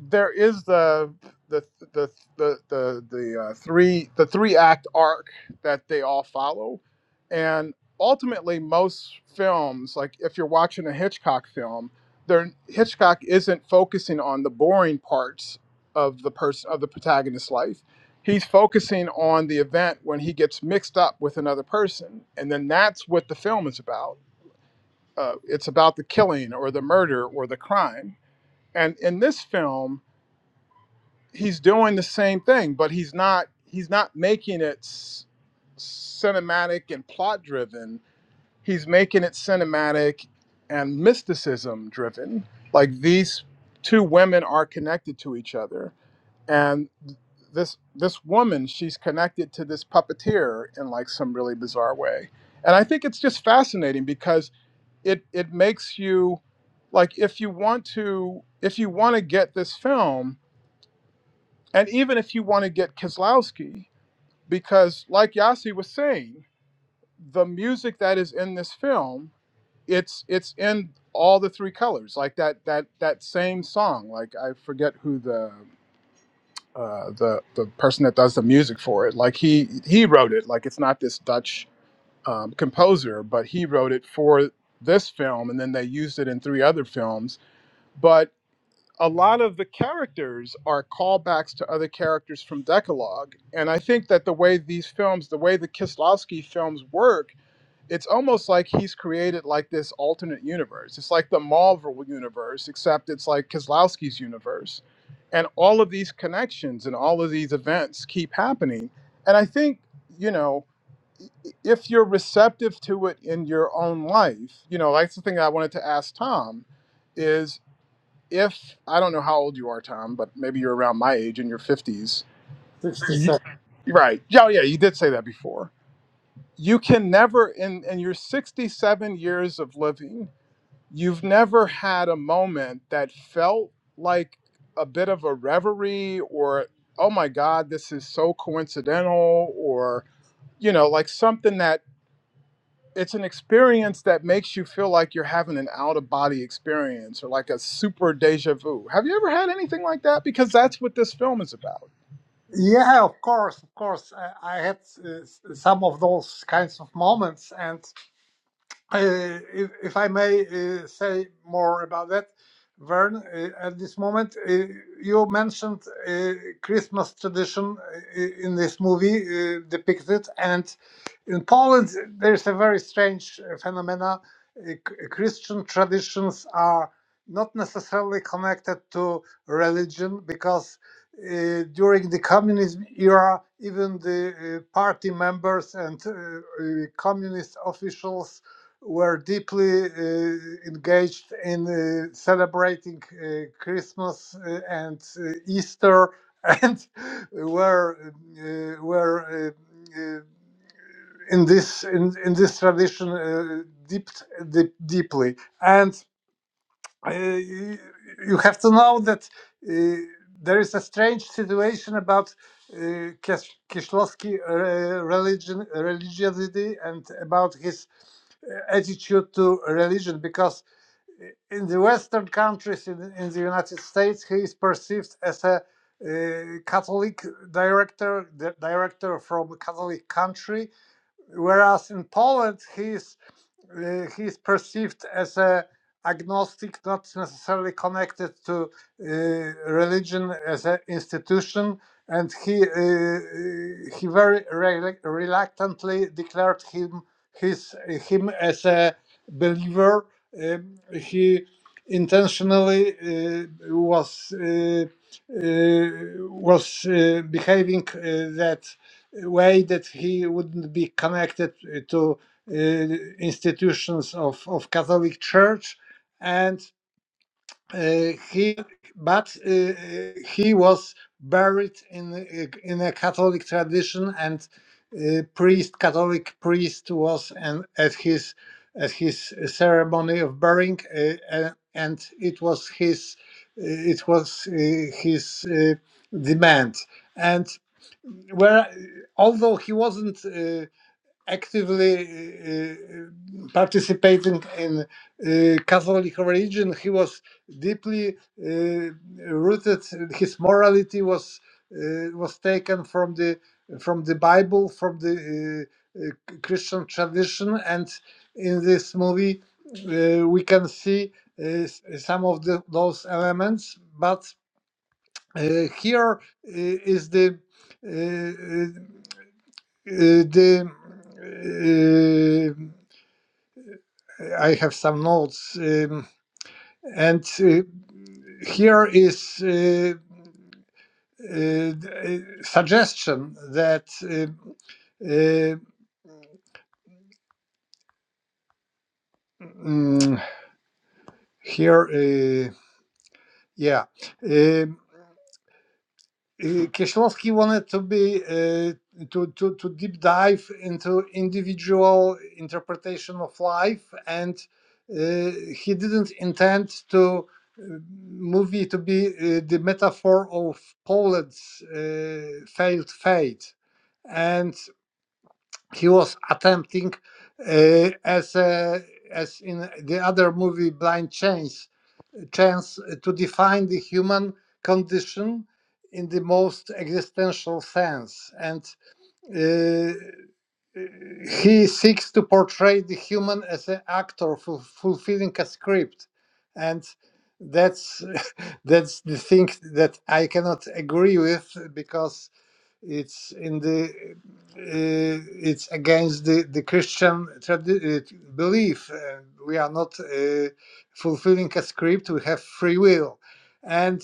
there is the the the the the, the uh, three the three act arc that they all follow, and ultimately most films, like if you're watching a Hitchcock film, there Hitchcock isn't focusing on the boring parts of the person of the protagonist's life. He's focusing on the event when he gets mixed up with another person, and then that's what the film is about. Uh, it's about the killing or the murder or the crime. And in this film, he's doing the same thing, but he's not he's not making it s- cinematic and plot driven. He's making it cinematic and mysticism driven. Like these two women are connected to each other, and this this woman she's connected to this puppeteer in like some really bizarre way. And I think it's just fascinating because it it makes you like if you want to if you want to get this film and even if you want to get Kislowski, because like Yasi was saying, the music that is in this film, it's it's in all the three colors, like that that that same song. Like I forget who the uh, the the person that does the music for it. Like he he wrote it. Like it's not this Dutch um, composer, but he wrote it for this film, and then they used it in three other films. But a lot of the characters are callbacks to other characters from Decalogue. And I think that the way these films, the way the Kislovsky films work, it's almost like he's created like this alternate universe. It's like the Marvel universe, except it's like Kislovsky's universe. And all of these connections and all of these events keep happening. And I think, you know, if you're receptive to it in your own life, you know, that's the thing I wanted to ask Tom is if I don't know how old you are, Tom, but maybe you're around my age in your 50s.
67.
Right. Yeah, yeah, you did say that before. You can never, in, in your 67 years of living, you've never had a moment that felt like a bit of a reverie or, oh my God, this is so coincidental, or, you know, like something that it's an experience that makes you feel like you're having an out of body experience or like a super deja vu. Have you ever had anything like that? Because that's what this film is about.
Yeah, of course, of course. I, I had uh, some of those kinds of moments, and Uh, If if I may uh, say more about that, Vern, uh, at this moment, uh, you mentioned uh, Christmas tradition uh, in this movie uh, depicted, and in Poland, there's a very strange uh, phenomena. Uh, C- Christian traditions are not necessarily connected to religion because uh, during the communism era, even the uh, party members and uh, uh, communist officials were deeply uh, engaged in uh, celebrating uh, Christmas uh, and uh, Easter, and were uh, were uh, uh, in this in, in this tradition uh, deep, deep deeply. And uh, you you have to know that uh, there is a strange situation about. Uh, Kieślowski uh, religion, religiosity, and about his attitude to religion because in the Western countries, in, in the United States, he is perceived as a uh, Catholic director, the director from a Catholic country, whereas in Poland he is uh, he is perceived as a agnostic, not necessarily connected to uh, religion as an institution, and he uh, uh, he very rel- reluctantly declared him his him as a believer. Um, he intentionally uh, was uh, uh, was uh, behaving uh, that way that he wouldn't be connected uh, to uh, institutions of, of Catholic Church, and uh, he but uh, uh, he was buried in uh, in a Catholic tradition, and uh, priest Catholic priest was and at his at his ceremony of burying, uh, a- and it was his uh, it was uh, his uh, demand. And where although he wasn't. uh, actively uh, uh, participating in uh, Catholic religion. He was deeply uh, rooted. His morality was uh, was taken from the from the Bible, from the uh, uh, Christian tradition, and in this movie uh, we can see uh, s- some of the, those elements. But uh, here uh, is the uh, uh, uh, the uh, I have some notes, um, and uh, here is uh, uh, a suggestion that uh, uh, mm, here, uh, yeah. um, uh, Kieślowski wanted to be uh, to, to to deep dive into individual interpretation of life, and uh, he didn't intend to uh, movie to be uh, the metaphor of Poland's uh, failed fate, and he was attempting uh, as a, as in the other movie Blind Chains chance to define the human condition in the most existential sense. And uh, he seeks to portray the human as an actor ful- fulfilling a script. And that's that's the thing that I cannot agree with because it's in the uh, it's against the the Christian tradi- uh, belief. Uh, we are not uh, fulfilling a script. We have free will, and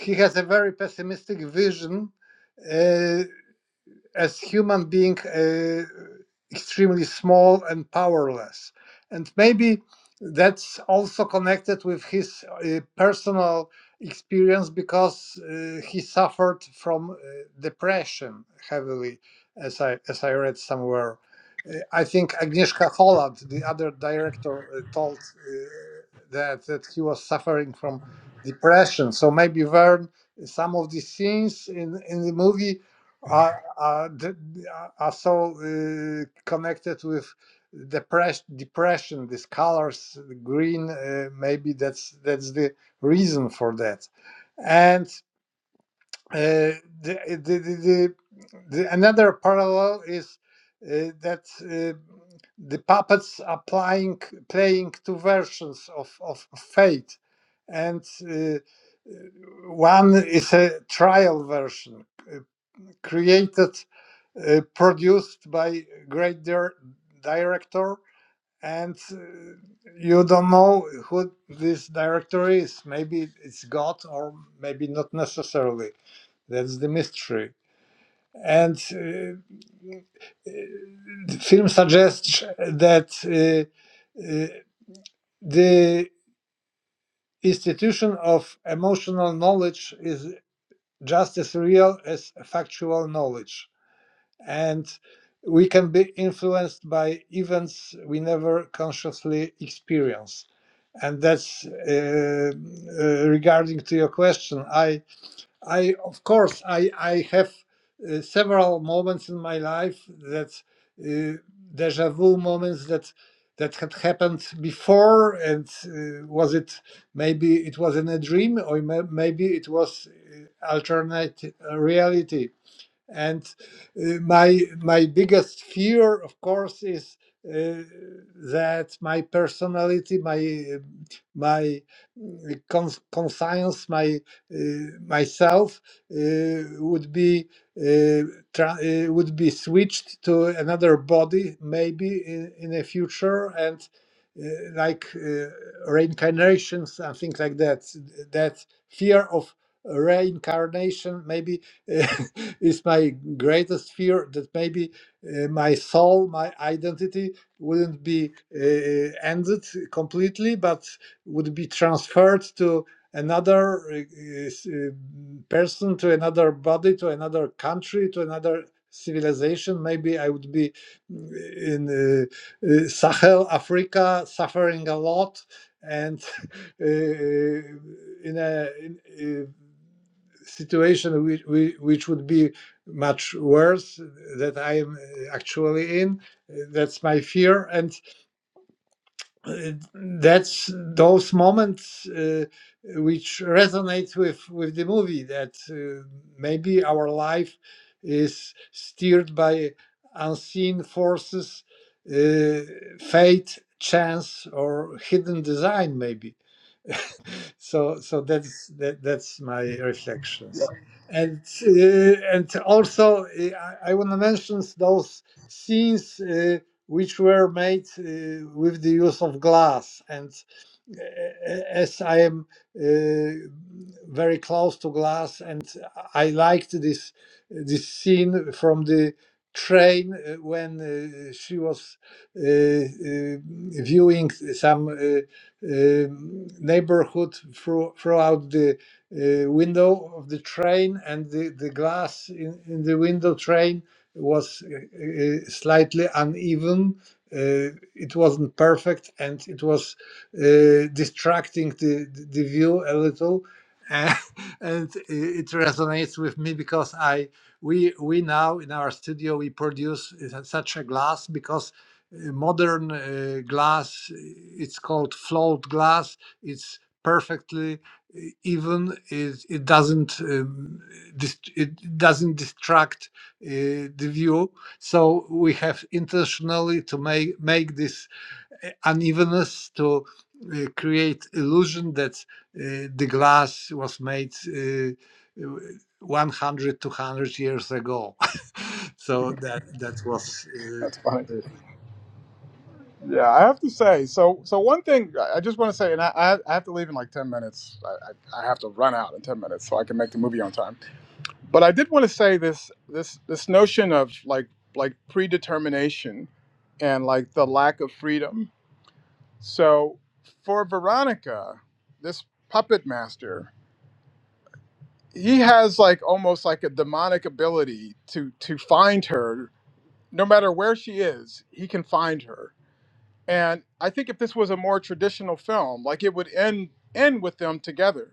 he has a very pessimistic vision. Uh, as human being uh, extremely small and powerless and maybe that's also connected with his uh, personal experience because uh, he suffered from uh, depression heavily as i as i read somewhere Uh, i think agnieszka holland the other director uh, told uh, that that he was suffering from depression so maybe vern some of the scenes in in the movie are are, d- are so uh, connected with depression depression these colors green uh, maybe that's that's the reason for that and uh, the, the, the, the, the another parallel is uh, that uh, the puppets are playing playing two versions of of fate and uh, uh, one is a trial version uh, created, uh, produced by great dir- director, and uh, you don't know who this director is. Maybe it's God, or maybe not necessarily. That's the mystery. And uh, the film suggests that uh, uh, the institution of emotional knowledge is just as real as factual knowledge. and we can be influenced by events we never consciously experience and that's uh, uh, regarding to your question i i of course i i have uh, several moments in my life that uh, deja vu moments that that had happened before and uh, was it maybe it was in a dream or maybe it was uh, alternate uh, reality and uh, my my biggest fear, of course, is uh, that my personality, my uh, my uh, cons- conscience, my uh, myself uh, would be uh, tra- uh, would be switched to another body, maybe in, in the future, and uh, like uh, reincarnations and things like that. That fear of reincarnation maybe is my greatest fear that maybe uh, my soul, my identity wouldn't be uh, ended completely, but would be transferred to another uh, s- uh, person, to another body, to another country, to another civilization. Maybe I would be mm, in uh, uh, Sahel, Africa, suffering a lot and uh, in a in, uh, situation which, which would be much worse that I am uh, actually in. That's my fear, and uh, that's those moments uh, which resonate with with the movie. That uh, maybe our life is steered by unseen forces, uh, fate, chance, or hidden design. Maybe so so that's that, that's my reflections and uh, and also uh, i, I want to mention those scenes uh, which were made uh, with the use of glass and as I am uh, very close to glass, and I liked this this scene from the train uh, when uh, she was uh, uh, viewing some uh, um neighborhood through, throughout the uh, window of the train, and the, the glass in, in the window train was uh, uh, slightly uneven. Uh, it wasn't perfect, and it was uh, distracting the, the view a little and, and it resonates with me because i we we now in our studio we produce such a glass because uh, modern uh, glass it's called flawed glass it's perfectly uh, even it, it doesn't um, dist- it doesn't distract uh, the view so we have intentionally to make make this uh, unevenness to uh, create illusion that uh, the glass was made uh, uh, years ago so that that was
That's funny.
uh, uh,
Yeah, I have to say. So, so one thing I just want to say, and I, I I have to leave in like ten minutes. I, I I have to run out in ten minutes so I can make the movie on time. But I did want to say this this this notion of like like predetermination and like the lack of freedom. So for Veronica, this puppet master he has like almost like a demonic ability to to find her no matter where she is he can find her and i think if this was a more traditional film like it would end end with them together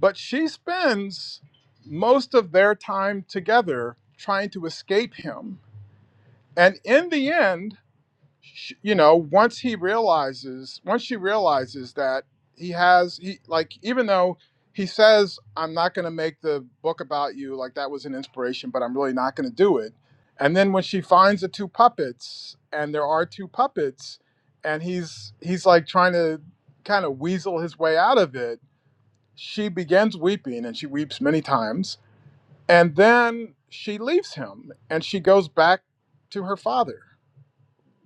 but she spends most of their time together trying to escape him and in the end sh- you know once he realizes once she realizes that he has he like even though he says i'm not going to make the book about you like that was an inspiration but i'm really not going to do it and then when she finds the two puppets and there are two puppets and he's he's like trying to kind of weasel his way out of it she begins weeping and she weeps many times and then she leaves him and she goes back to her father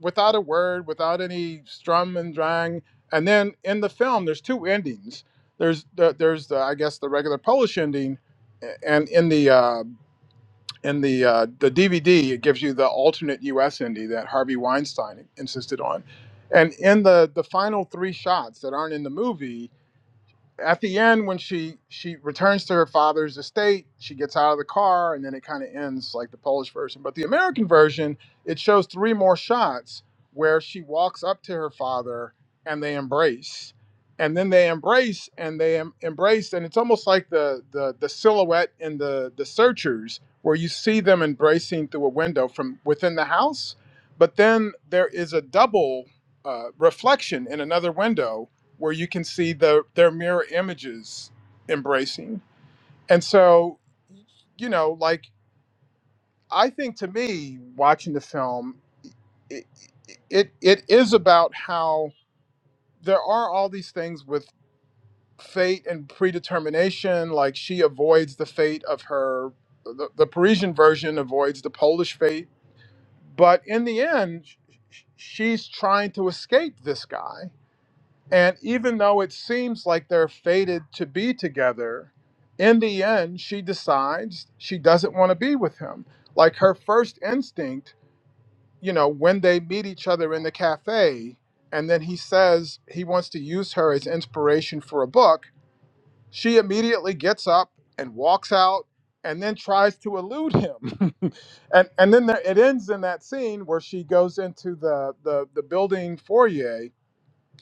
without a word, without any strum and drang. And then in the film, there's two endings. There's the, there's the, I guess the regular Polish ending, and in the uh, in the uh, the DVD, it gives you the alternate U.S. ending that Harvey Weinstein insisted on. And in the the final three shots that aren't in the movie, at the end when she she returns to her father's estate she gets out of the car and then it kind of ends like the polish version but the american version it shows three more shots where she walks up to her father and they embrace and then they embrace and they em- embrace and it's almost like the the, the silhouette in the the searchers where you see them embracing through a window from within the house but then there is a double uh, reflection in another window where you can see the their mirror images embracing. And so, you know, like I think to me, watching the film, it it, it is about how there are all these things with fate and predetermination. Like she avoids the fate of her, the, the Parisian version avoids the Polish fate, but in the end, sh- she's trying to escape this guy And even though it seems like they're fated to be together, in the end, she decides she doesn't want to be with him. Like her first instinct, you know, when they meet each other in the cafe, and then he says he wants to use her as inspiration for a book, she immediately gets up and walks out and then tries to elude him. and and then there, it ends in that scene where she goes into the the, the building foyer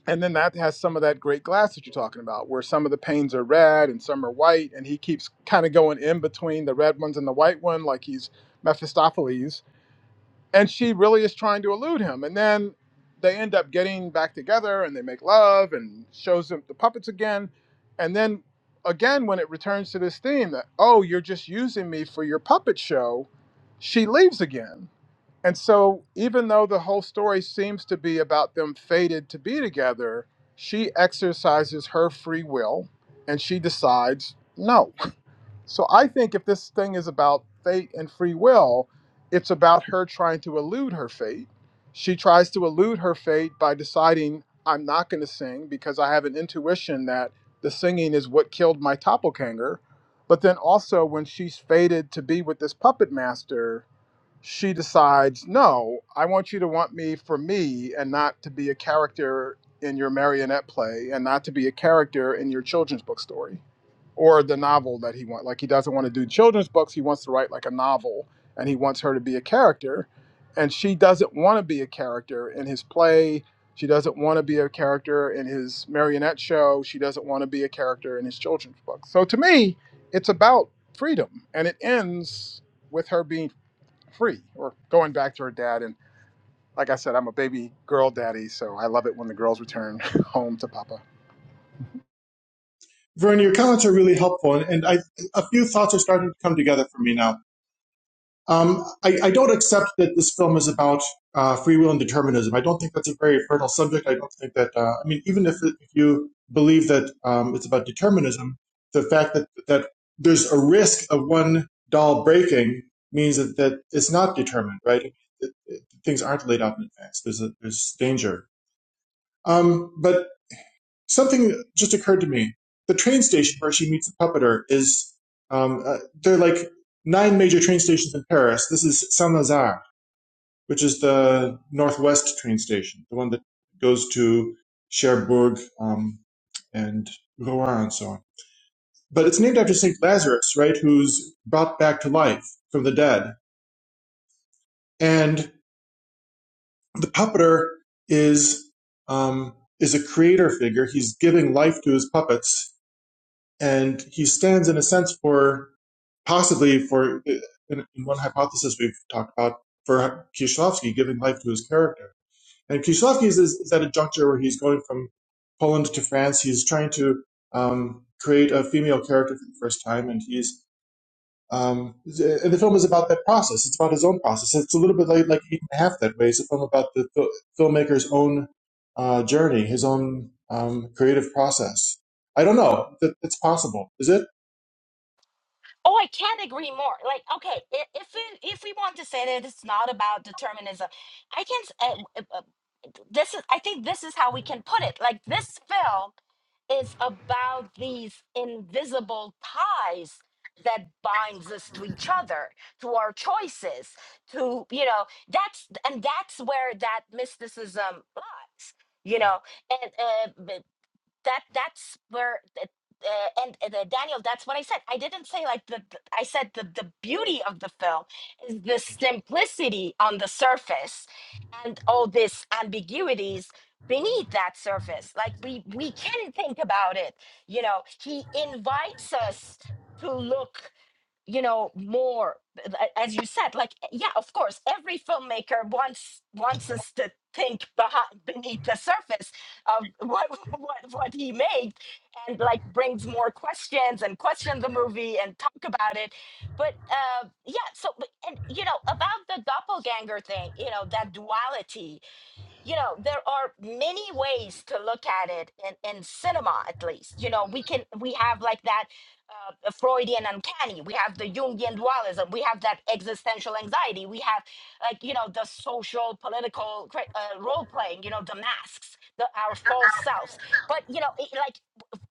and then that has some of that great glass that you're talking about where some of the panes are red and some are white and he keeps kind of going in between the red ones and the white one like he's mephistopheles and she really is trying to elude him and then they end up getting back together and they make love and shows him the puppets again and then again when it returns to this theme that oh you're just using me for your puppet show she leaves again and so, even though the whole story seems to be about them fated to be together, she exercises her free will and she decides no. So, I think if this thing is about fate and free will, it's about her trying to elude her fate. She tries to elude her fate by deciding, I'm not going to sing because I have an intuition that the singing is what killed my doppelganger. But then also, when she's fated to be with this puppet master, she decides, no, I want you to want me for me and not to be a character in your marionette play and not to be a character in your children's book story or the novel that he wants. Like, he doesn't want to do children's books. He wants to write like a novel and he wants her to be a character. And she doesn't want to be a character in his play. She doesn't want to be a character in his marionette show. She doesn't want to be a character in his children's book. So to me, it's about freedom. And it ends with her being free or going back to her dad. And like I said, I'm a baby girl daddy, so I love it when the girls return home to Papa.
Vern. your comments are really helpful, and, and I, a few thoughts are starting to come together for me now. Um, I, I don't accept that this film is about uh, free will and determinism. I don't think that's a very fertile subject. I don't think that, uh, I mean, even if, if you believe that um, it's about determinism, the fact that, that there's a risk of one doll breaking means that, that it's not determined, right? It, it, things aren't laid out in advance. There's a, there's danger. Um, but Something just occurred to me. The train station where she meets the puppeteer is um, uh, there are like nine major train stations in Paris. This is Saint Lazare, which is the northwest train station, the one that goes to Cherbourg um, and Rouen and so on. But it's named after Saint Lazarus, right, who's brought back to life from the dead. And the puppeteer is um, is a creator figure. He's giving life to his puppets, and he stands in a sense for possibly for in, in one hypothesis we've talked about for Kieślowski giving life to his character. And Kieślowski is, is at a juncture where he's going from Poland to France. He's trying to um, create a female character for the first time, and he's um, and the film is about that process. It's about his own process. It's a little bit like, like Eaton half that way. It's a film about the fil- filmmaker's own uh, journey, his own um, creative process. I don't know. it's possible. Is it?
Oh, I can't agree more. Like, okay, i- if we, if we want to say that it's not about determinism, I can. s- Uh, uh, uh, this is. I think this is how we can put it. Like, this film is about these invisible ties that binds us to each other, to our choices, to you know. That's and that's where that mysticism lies. You know, and uh, that that's where uh, and uh, Daniel, that's what I said. I didn't say like the, the- I said the the beauty of the film is the simplicity on the surface, and all this ambiguities beneath that surface. Like we we can think about it. You know, he invites us to look you know more as you said like eh, yeah of course every filmmaker wants wants us to think behind beneath the surface of what what what he made and like brings more questions and question the movie and talk about it but uh yeah so but- and you know about the doppelganger thing you know that duality you know there are many ways to look at it in, in cinema at least you know we can we have like that uh, freudian uncanny we have the jungian dualism we have that existential anxiety we have like you know the social political cri- uh, role playing you know the masks the our false selves but you know it, like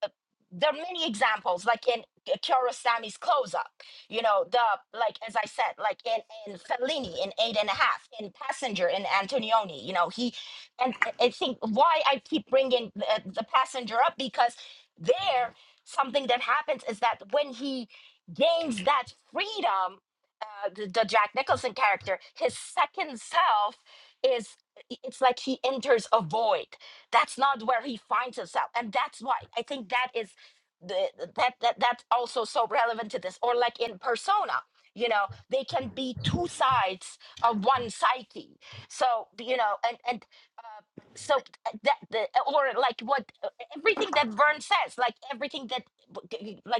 uh, there are many examples like in uh, Kurosami's close up you know the like as i said like in in fellini in eight and a half in passenger in antonioni you know he and I I think why I keep bringing the, the passenger up because there something that happens is that when he gains that freedom, uh, the, the Jack Nicholson character, his second self is it's like he enters a void. That's not where he finds himself, and that's why I think that is the that that that's also so relevant to this. Or like in Persona, you know, they can be two sides of one psyche. So you know, and and uh, so uh, that the or like what uh, everything that Vern says, like everything that like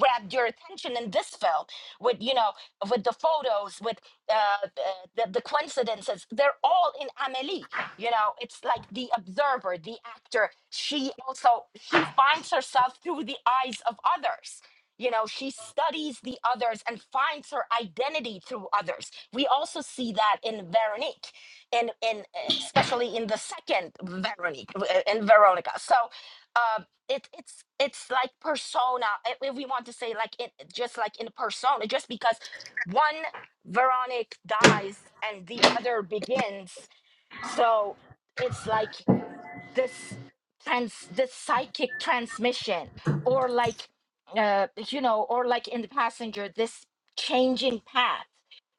grabbed your attention in this film with you know with the photos with uh, the, the coincidences they're all in amelie you know it's like the observer the actor she also she finds herself through the eyes of others you know she studies the others and finds her identity through others we also see that in veronique in in uh, especially in the second veronique uh, in veronica so uh, it it's it's like persona i- if we want to say like it just like in persona just because one Veronic dies and the other begins so it's like this trans this psychic transmission or like uh you know or like in the passenger this changing path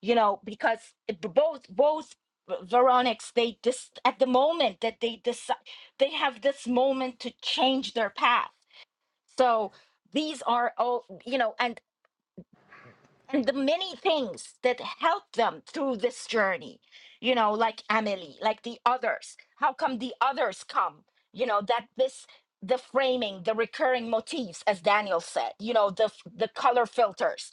you know because it- b- both both Veronics they just at the moment that they decide they have this moment to change their path so these are all, you know, and and the many things that help them through this journey you know like emily like the others how come the others come you know that this the framing the recurring motifs as daniel said you know the f- the color filters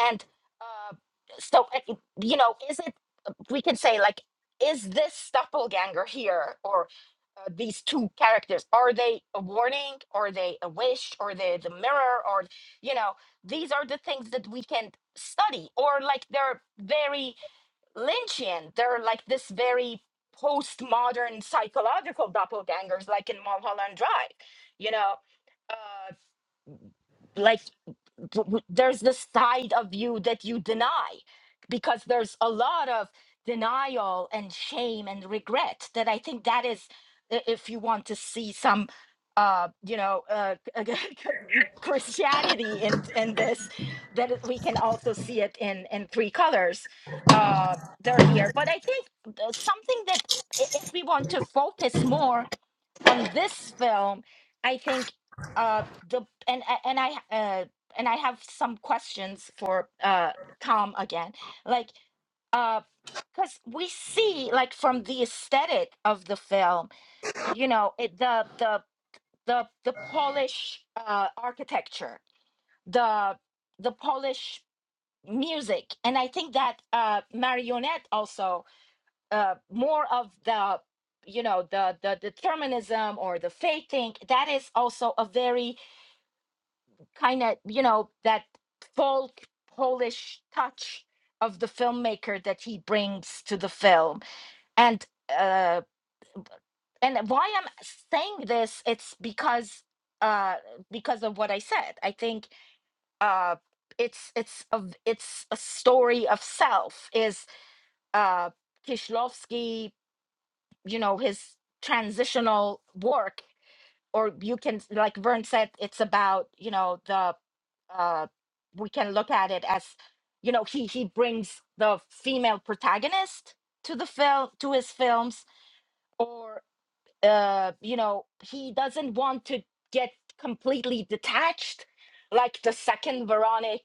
and uh so uh, you know is it uh, we can say like is this doppelganger here or uh, these two characters are they a warning are they a wish are they the mirror or you know these are the things that we can study or like they're very lynchian they're like this very postmodern psychological doppelgangers like in mulholland drive you know uh, like w- w- there's the side of you that you deny because there's a lot of denial and shame and regret that i think that is i- if you want to see some uh you know uh christianity in in this that it- we can also see it in in three colors uh they're here but i think uh, something that i- if we want to focus more on this film i think uh the and a- and i uh and i have some questions for uh tom again like uh because we see like from the aesthetic of the film you know it, the the the the polish uh architecture the the polish music and i think that uh marionette also uh, more of the you know the the determinism or the fating that is also a very kind of you know that folk polish touch of the filmmaker that he brings to the film and uh and why i'm saying this it's because uh because of what i said i think uh it's it's a it's a story of self is uh Kishlovsky you know his transitional work or you can like vern said it's about you know the uh we can look at it as you know he he brings the female protagonist to the film to his films or uh you know he doesn't want to get completely detached like the second veronic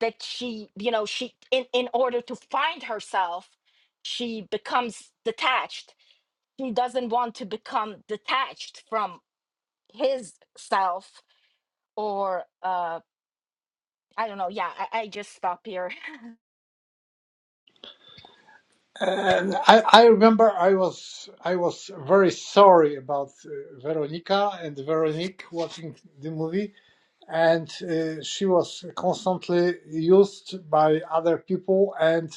that she you know she in in order to find herself she becomes detached he doesn't want to become detached from his self or uh i don't know yeah i, I just stop here
And I, I remember I was I was very sorry about uh, Veronica and Veronique watching the movie, and uh, she was constantly used by other people, and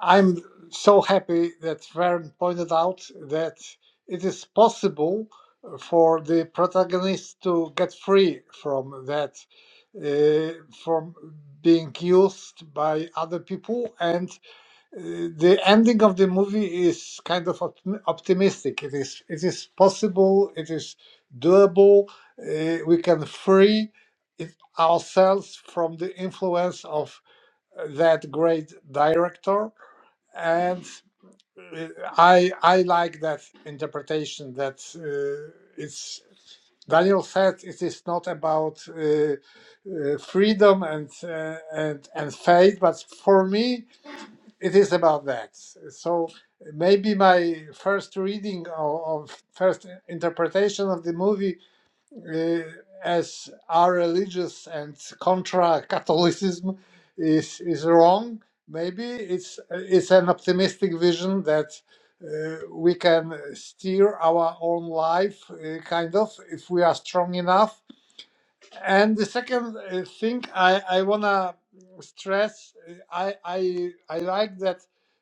I'm so happy that Vern pointed out that it is possible for the protagonist to get free from that, uh, from being used by other people. And uh, the ending of the movie is kind of optim- optimistic. It is, it is possible. It is doable. Uh, we can free it- ourselves from the influence of that great director and uh, I I like that interpretation that uh, it's Daniel said it is not about uh, uh, freedom and uh, and and faith, but for me it is about that. So maybe my first reading or of first interpretation of the movie uh, as our religious and contra Catholicism is is wrong. Maybe it's it's an optimistic vision that uh, we can steer our own life, uh, kind of, if we are strong enough and the second uh, thing I, I wanna stress, uh, I I I like that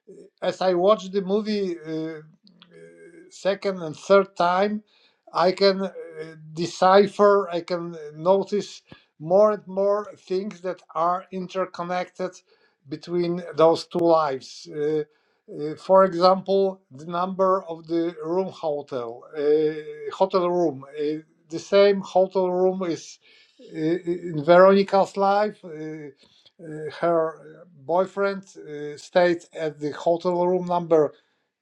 uh, as I watch the movie uh, uh, second and third time, I can uh, decipher, I can notice more and more things that are interconnected between those two lives. Uh, uh, for example, the number of the room hotel, uh, hotel room. Uh, the same hotel room is in Veronica's life, uh, uh, her boyfriend uh, stayed at the hotel room number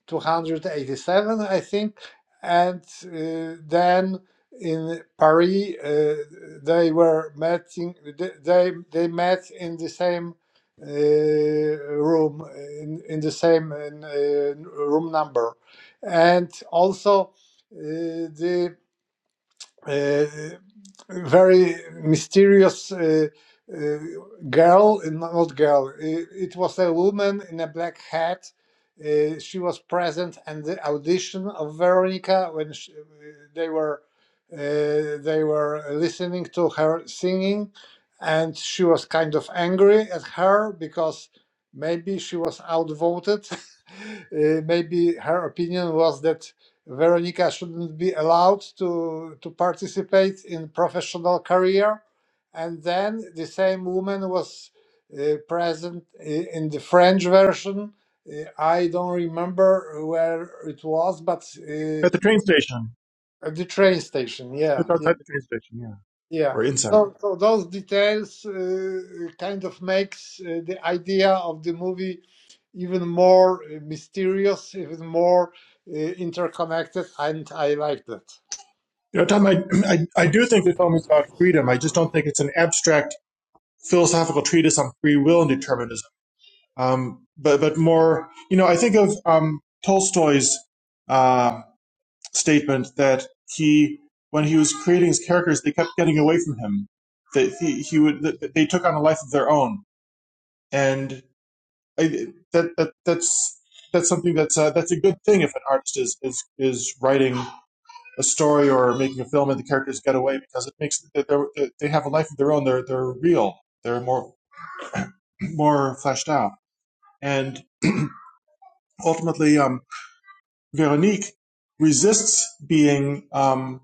287, I think. And uh, then in Paris, uh, they were meeting. They they met in the same uh, room, in, in the same uh, room number, and also uh, the uh, very mysterious uh, uh, girl, not girl, it, it was a woman in a black hat. Uh, she was present at the audition of Veronica when sh uh, they were uh, they were listening to her singing, and she was kind of angry at her because maybe she was outvoted. Uh, maybe her opinion was that Veronica shouldn't be allowed to, to participate in professional career. And then the same woman was uh, present i- in the French version. Uh, I don't remember where it was, but uh,
At the train station.
at the train station. Yeah,
Just
yeah.
outside the train station. yeah.
Yeah.
or insight.
So, so those details uh, kind of makes uh, the idea of the movie even more uh, mysterious, even more uh, interconnected, and I like that.
You know, Tom, I, I, I do think the film is about freedom. I just don't think it's an abstract philosophical treatise on free will and determinism. Um, but, but more, you know, I think of um, Tolstoy's uh, statement that he, when he was creating his characters, they kept getting away from him. That he, he would, that they took on a life of their own, and I, that, that that's that's something that's uh, that's a good thing if an artist is is, is writing a story or making a film and the characters get away because it makes they have a life of their own. They're they're real. They're more more fleshed out. And ultimately, um, Veronique resists being um,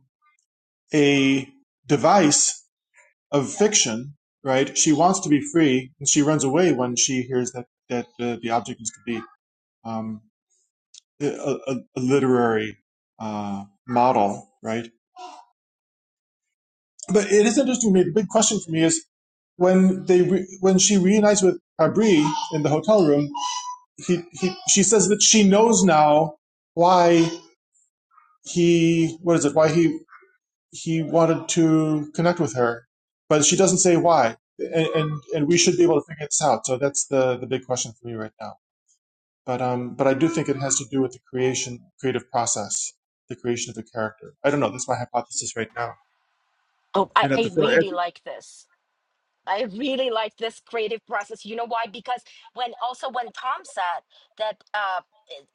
a device of fiction. Right? She wants to be free, and she runs away when she hears that that uh, the object is to be um, a, a, a literary uh, model. Right? But it is interesting to me. The big question for me is when they re- when she reunites with Abri in the hotel room, he, he she says that she knows now why he what is it why he he wanted to connect with her, but she doesn't say why, and and, and we should be able to figure this out. So that's the the big question for me right now. But um but I do think it has to do with the creation creative process, the creation of the character. I don't know. That's my hypothesis right now.
oh I,
And at the,
I
at
really
the
like this I really like this creative process. You know why? Because when also when Tom said that uh,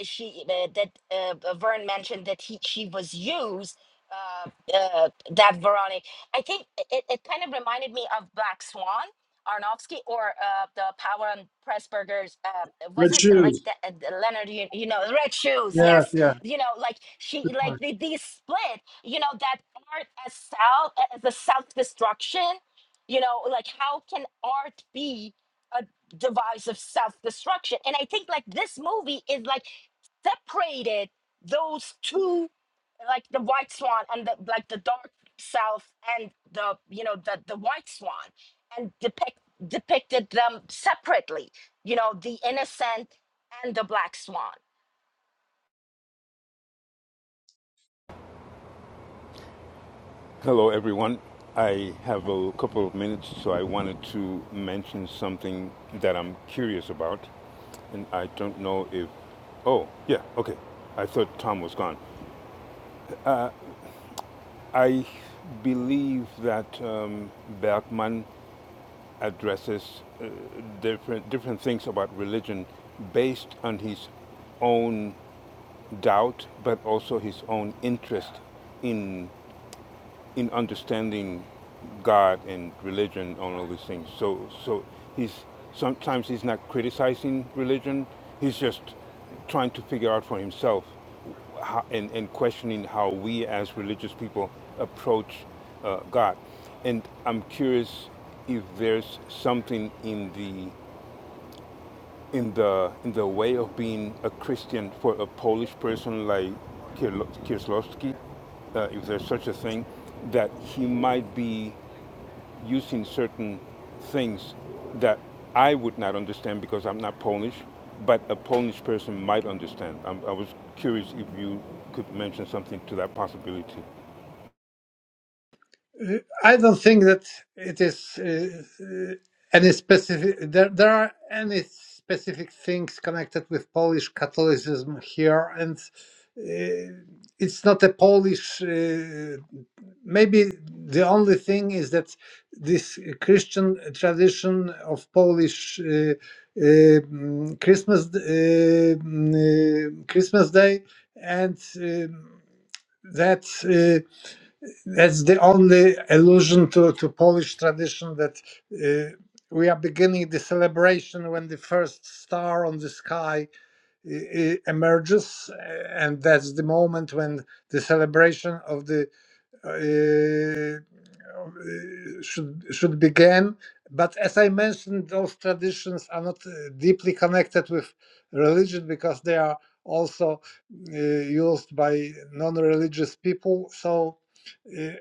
she uh, that uh, Vern mentioned that he she was used. Uh, uh, that Veronica, I think it, it kind of reminded me of Black Swan, Arnofsky, or uh, the Power and Pressburgers. Uh, was
red
it like
shoes.
the, uh, the Leonard? You, you know, Red Shoes.
Yes,
Yes,
yeah,
you know, like she,
good point.
like they, they split. You know that art as self as a self destruction you know like how can art be a device of self-destruction and i think like this movie is like separated those two like the white swan and the like the dark self and the you know the the white swan and depict depicted them separately you know the innocent and the black swan
Hello, everyone. I have a couple of minutes, so I wanted to mention something that I'm curious about. And I don't know if. Oh, yeah, okay. I thought Tom was gone. I believe that um, Bergman addresses uh, different, different things about religion based on his own doubt, but also his own interest in in understanding God and religion on all these things. So so he's sometimes he's not criticizing religion. He's just trying to figure out for himself how, and, and questioning how we as religious people approach uh, God. And I'm curious if there's something in the in the in the way of being a Christian for a Polish person like Kier- Kieslowski, uh, if there's such a thing, that he might be using certain things that I would not understand because I'm not Polish, but a Polish person might understand. i I was curious if you could mention something to that possibility.
Uh, I don't think that it is uh, uh, any specific. There, there are any specific things connected with Polish Catholicism here, and uh, it's not a Polish. Uh, maybe the only thing is that this Christian tradition of Polish uh, uh, mm, Christmas, uh, mm, uh, Christmas Day, and um that. Uh, that's the only allusion to, to Polish tradition that uh, we are beginning the celebration when the first star on the sky uh, uh, emerges, uh, and that's the moment when the celebration of the uh, uh, should should begin. But as I mentioned, those traditions are not uh, deeply connected with religion because they are also uh, used by non-religious people. So. uh,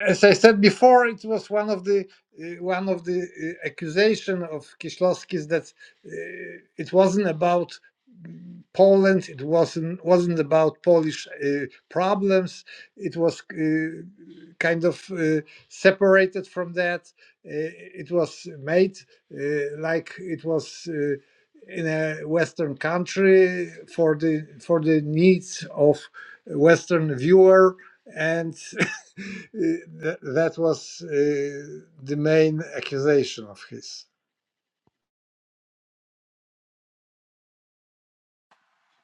as I said before, it was one of the uh, one of the uh, accusation of Kieślowski is that uh, it wasn't about Poland. It wasn't wasn't about Polish uh, problems. It was uh, kind of uh, separated from that. Uh, it was made uh, like it was. Uh, in a Western country for the for the needs of Western viewer, and that was uh, the main accusation of his.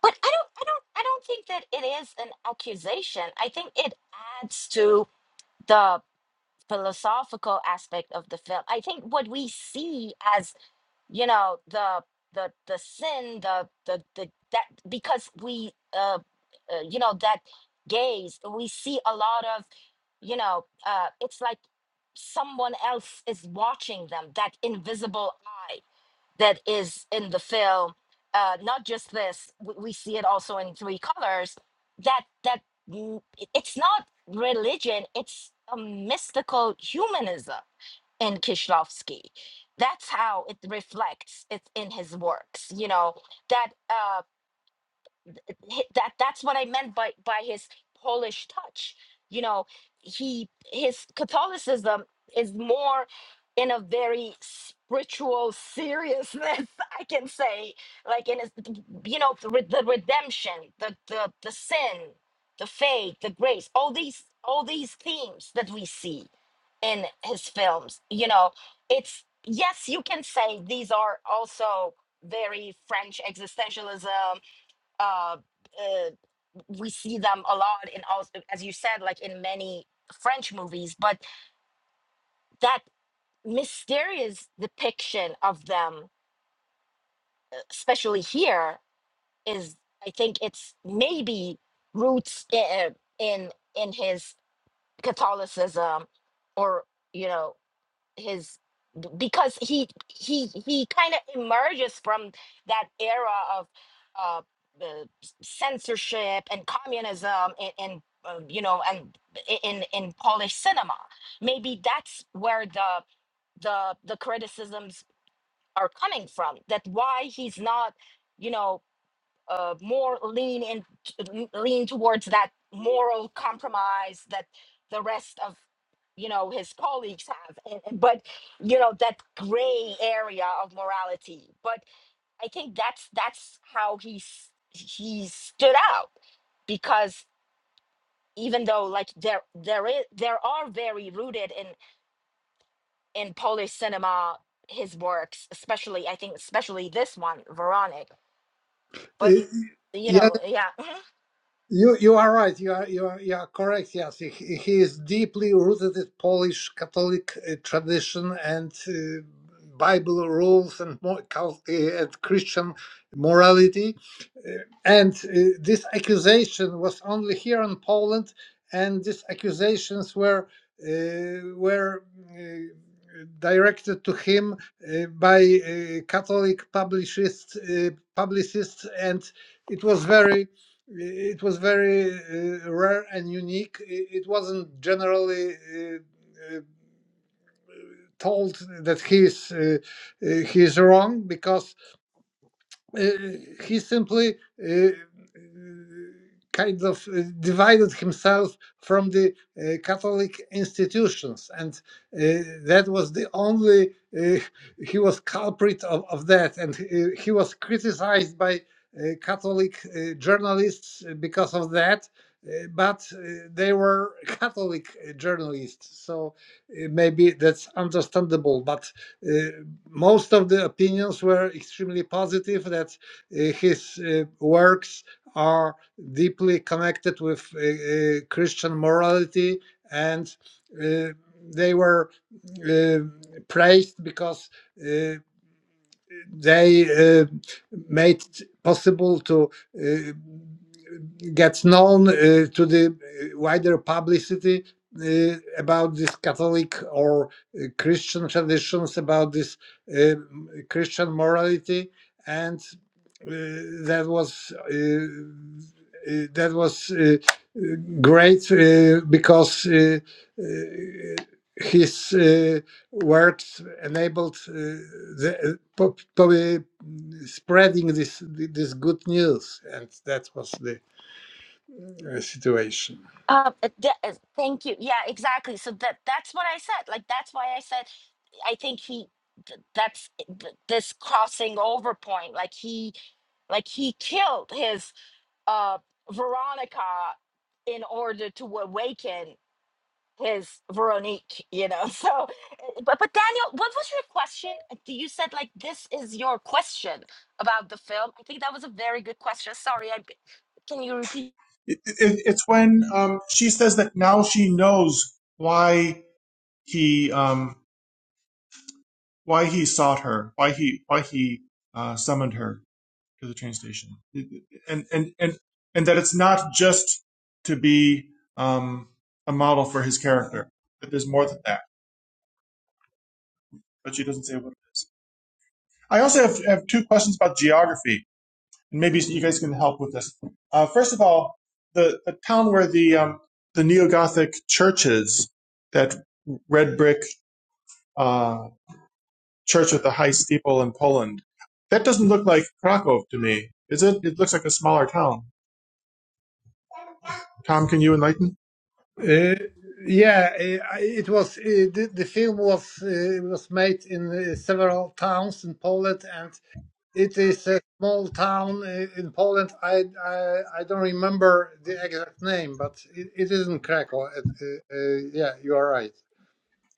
but i don't i don't i don't think that it is an accusation i think it adds to the philosophical aspect of the film. I think what we see as you know the the the sin the the the that because we uh, uh you know that gaze we see a lot of you know uh it's like someone else is watching them that invisible eye that is in the film uh not just this we, we see it also in three colors that that mm, it- it's not religion it's a mystical humanism in Kishlovsky. That's how it reflects it in his works. You know that. Uh, hi- that that's what I meant by by his Polish touch. You know, he his Catholicism is more in a very spiritual seriousness, I can say, like in his, you know the, re- the redemption, the the the sin, the faith, the grace, all these all these themes that we see in his films. You know, it's yes, you can say these are also very French existentialism uh, uh, we see them a lot in all, as you said like in many french movies but that mysterious depiction of them especially here is i think it's maybe roots in in, in his catholicism or you know his b- because he he he kind of emerges from that era of uh the s- censorship and communism and, and uh, you know and i- in in polish cinema maybe that's where the the the criticisms are coming from that why he's not you know uh, more lean in lean towards that moral compromise that the rest of you know his colleagues have and, and- but you know that gray area of morality but i think that's that's how he's he stood out because even though like there there is there are very rooted in in polish cinema his works especially i think especially this one veronic but
Eh,
you
Yeah,
know yeah
You you are right. You are you are, you are correct. Yes, he, he is deeply rooted in Polish Catholic uh, tradition and uh, Bible rules and mo- cal- uh, and Christian morality. Uh, and uh, this accusation was only here in Poland, and these accusations were uh, were. Uh, Directed to him uh, by uh, Catholic publicists, uh, publicists, and it was very it was very uh, rare and unique. It wasn't generally uh, uh, told that he is uh, uh, he is wrong because uh, he simply uh, uh, kind of uh, divided himself from the uh, Catholic institutions, and uh, that was the only uh, he was culprit of, of that, and uh, he was criticized by uh, Catholic uh, journalists uh, because of that. uh, But uh, they were Catholic uh, journalists, so uh, maybe that's understandable. But uh, most of the opinions were extremely positive that uh, his uh, works are deeply connected with uh, uh, Christian morality, and uh, they were uh, praised because. uh, they uh, made it possible to uh, get known uh, to the wider publicity uh, about this Catholic or uh, Christian traditions, about this uh, Christian morality, and uh, that was uh, uh, that was uh, uh, great uh, because uh, uh, his. Uh, words enabled uh, the uh, pub- pub- spreading this this good news and that was the uh, situation
Uh, uh, th- uh, thank you. Yeah, exactly. So that that's what I said. Like that's why I said I think he th- that's eh, th- this crossing over point. Like he like he killed his uh Veronica in order to awaken his Veronique, you know. So uh, but but Daniel, what was your question? Uh, You said like this is your question about the film. I think that was a very good question. Sorry, I can you repeat?
it, it, it's when um, she says that now she knows why he um, why he sought her, why he why he uh, summoned her to the train station, and and and and that it's not just to be um, a model for his character. That there's more than that, but she doesn't say what it is. I also have, have two questions about geography and maybe you guys can help with this. Uh, first of all, the, the town where the um, the neo Gothic churches, that red brick uh, church with the high steeple in Poland, that doesn't look like Krakow to me. Is it? It looks like a smaller town. Tom, can you enlighten?
uh, yeah uh, it was uh, the, the film was uh, was made in uh, several towns in Poland and it is a small town uh, in Poland I, I I don't remember the exact name but it, it isn't Krakow it, uh, uh, yeah you are right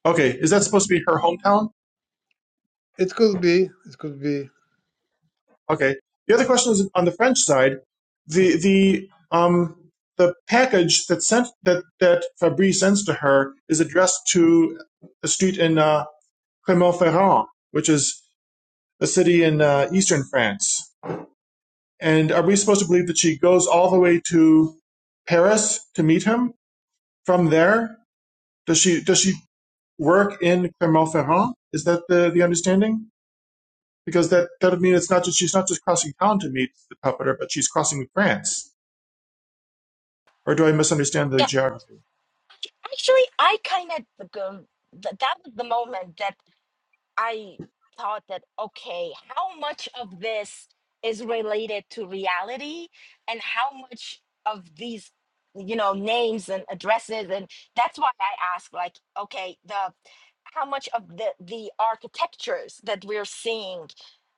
Okay, is that supposed to be her hometown?
it could be it could be
Okay. The other question is on the French side, the the um the package that sent that that Fabrice sends to her is addressed to a street in. uh. Clermont-Ferrand, which is a city in uh, eastern France. And are we supposed to believe that she goes all the way to Paris to meet him? From there, does she does she work in Clermont-Ferrand? Is that the, the understanding? Because that that would mean it's not just she's not just crossing town to meet the puppeteer, but she's crossing France. Or do I misunderstand the
Yeah,
geography?
Actually, I kind of um, that was the moment that I thought that, okay, how much of this is related to reality and how much of these, you know, names and addresses? And that's why I ask, like, okay, the how much of the the architectures that we're seeing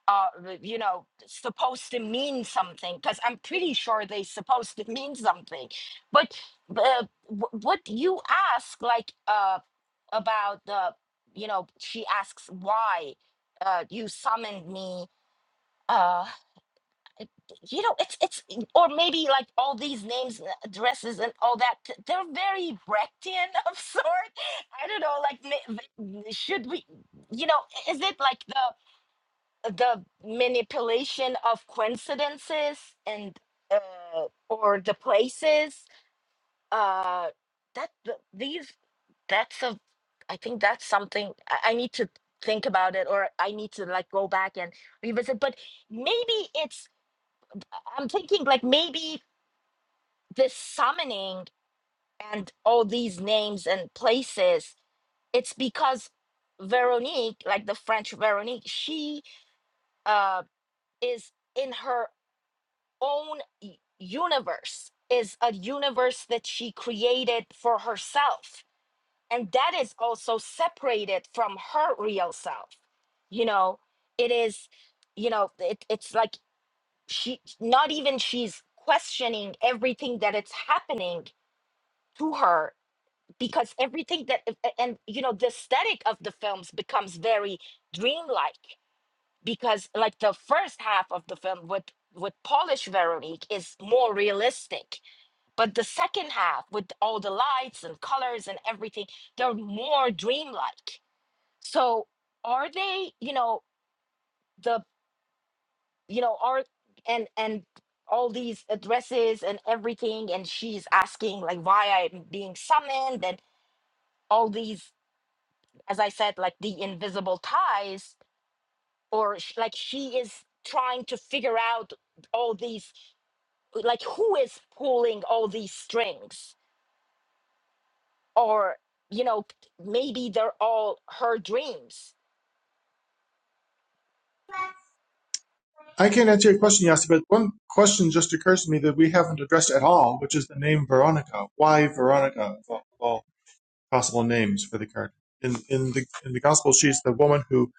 uh you know supposed to mean something because i'm pretty sure they supposed to mean something but uh, wh- what you ask like uh about the you know she asks why uh you summoned me uh you know it's it's or maybe like all these names and addresses and all that th- they're very brechtian of sort i don't know like ma- v- should we you know is it like the the manipulation of coincidences and uh or the places uh that th- these that's a i think that's something i, I need to think about it or i need to like go back and revisit but maybe it's I- i'm thinking like maybe this summoning and all these names and places it's because veronique like the french veronique she uh is in her own y- universe is a universe that she created for herself and that is also separated from her real self you know it is you know it, it's like she not even she's questioning everything that it's happening to her because everything that a- a- and you know the aesthetic of the films becomes very dreamlike because like the first half of the film with with Polish Veronique is more realistic but the second half with all the lights and colors and everything they're more dreamlike so are they you know the you know are and and all these addresses and everything and she's asking like why i'm being summoned and all these as i said like the invisible ties or sh- like she is trying to figure out all these like who is pulling all these strings or you know maybe they're all her dreams
I can't answer your question, Yasi, but one question just occurs to me that we haven't addressed at all, which is the name Veronica. Why Veronica? Well, possible names for the garden. In in the in the gospel, she's the woman who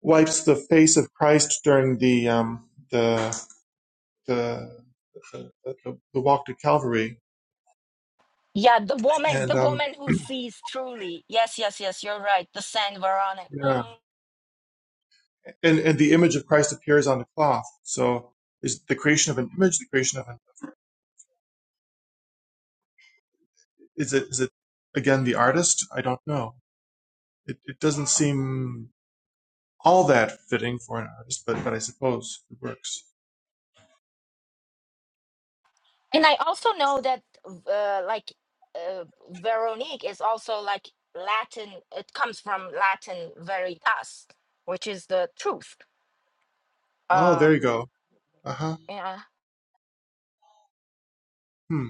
wipes the face of Christ during the um, the, the the the the walk to Calvary,
Yeah, the woman,
and
the
um,
woman who sees truly. Yes, yes, yes, you're right. The Saint Veronic.
yeah,
Mm.
and and the image of Christ appears on the cloth. So is the creation of an image the creation of an is it is it again the artist? I don't know. It it doesn't seem all that fitting for an artist, but but I suppose it works.
And I also know that uh, like uh, Veronique is also like Latin, it comes from Latin veritas, which is the truth.
Oh, there
Um,
you go. Uh huh.
yeah.
Hmm.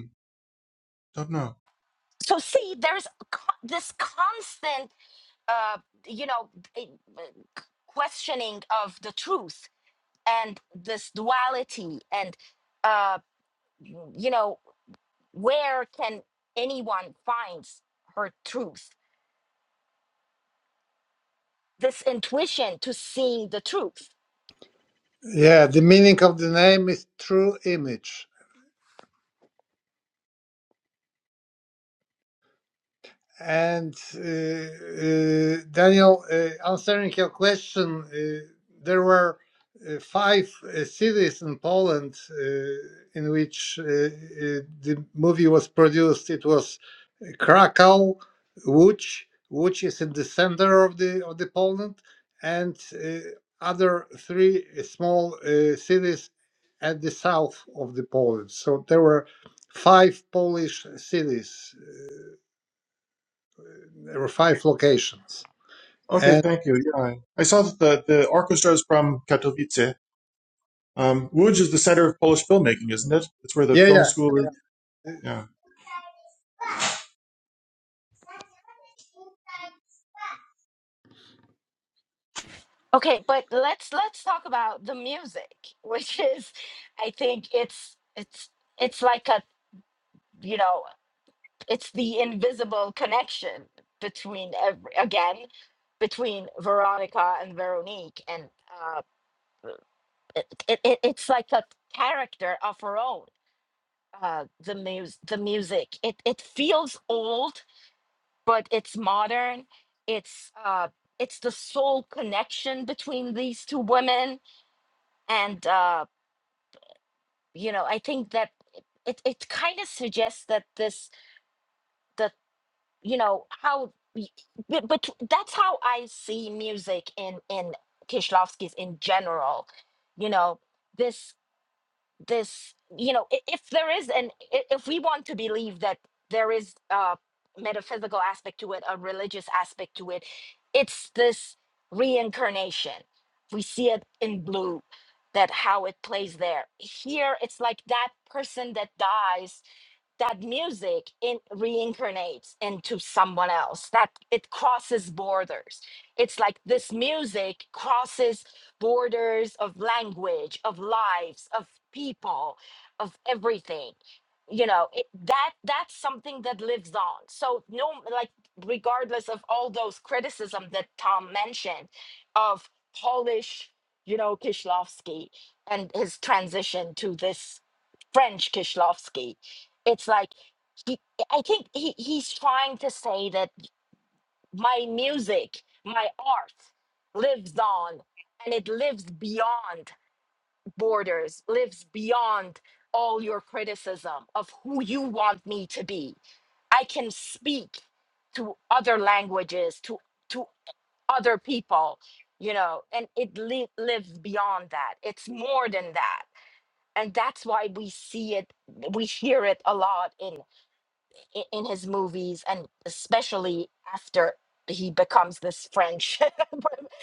Don't know.
So see, there's co- this constant, uh, you know, eh, eh, c- questioning of the truth and this duality and uh, you know where can anyone find her truth this intuition to seeing the truth
Yeah, the meaning of the name is true image. And uh, uh, Daniel, uh, answering your question, uh, there were uh, five uh, cities in Poland uh, in which uh, uh, the movie was produced. It was Krakow, Łódź, Łódź is in the center of the of the Poland, and uh, other three small uh, cities at the south of the Poland. So there were five Polish cities. There were five locations,
Okay,
and
thank you. Yeah, I saw that the, the orchestra is from Katowice. Um, Łódź is the center of Polish filmmaking, isn't it? It's where the
yeah,
film
yeah,
school is. Yeah.
okay but let's let's talk about the music which is i think it's it's it's like a you know it's the invisible connection between every, again between veronica and veronique and uh it, it, it- it's like a character of her own uh the mus the music it it feels old but it's modern it's uh it's the soul connection between these two women and uh you know i think that it it kind of suggests that this that you know how y- but, but that's how i see music in in kishlovsky's in general you know this this you know i- if there is an i- if we want to believe that there is a metaphysical aspect to it a religious aspect to it it's this reincarnation we see it in blue that how it plays there here it's like that person that dies that music in reincarnates into someone else that it crosses borders it's like this music crosses borders of language of lives of people of everything you know it, that that's something that lives on so no like regardless of all those criticism that tom mentioned of polish you know kishlovsky and his transition to this French Kishlovsky it's like he, I think he, he's trying to say that my music, my art lives on and it lives beyond borders, lives beyond all your criticism of who you want me to be. I can speak to other languages, to to other people, you know, and it li- lives beyond that. It's more than that. And that's why we see it, we hear it a lot i- in his movies and especially after he becomes this French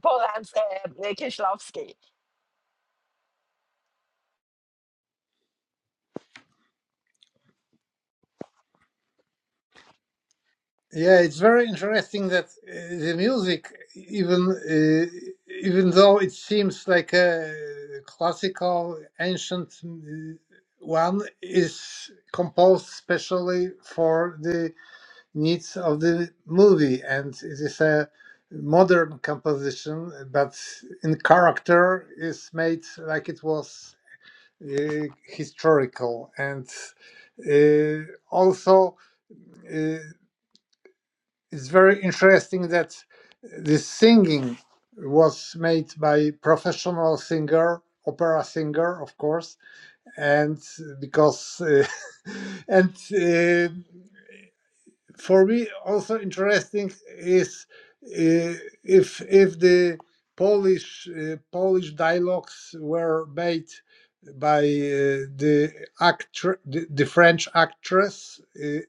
Polan's uh, Kieślowski.
Yeah, it's very interesting that uh, the music, even uh, even though it seems like a classical ancient uh, one, is composed specially for the needs of the movie, and it is a modern composition, but in character is made like it was uh, historical and uh, also. uh, it's very interesting that this singing was made by professional singer opera singer of course and because uh, and uh, for me also interesting is uh, if if the Polish uh, Polish dialogues were made by uh, the actor the, the French actress uh, uh,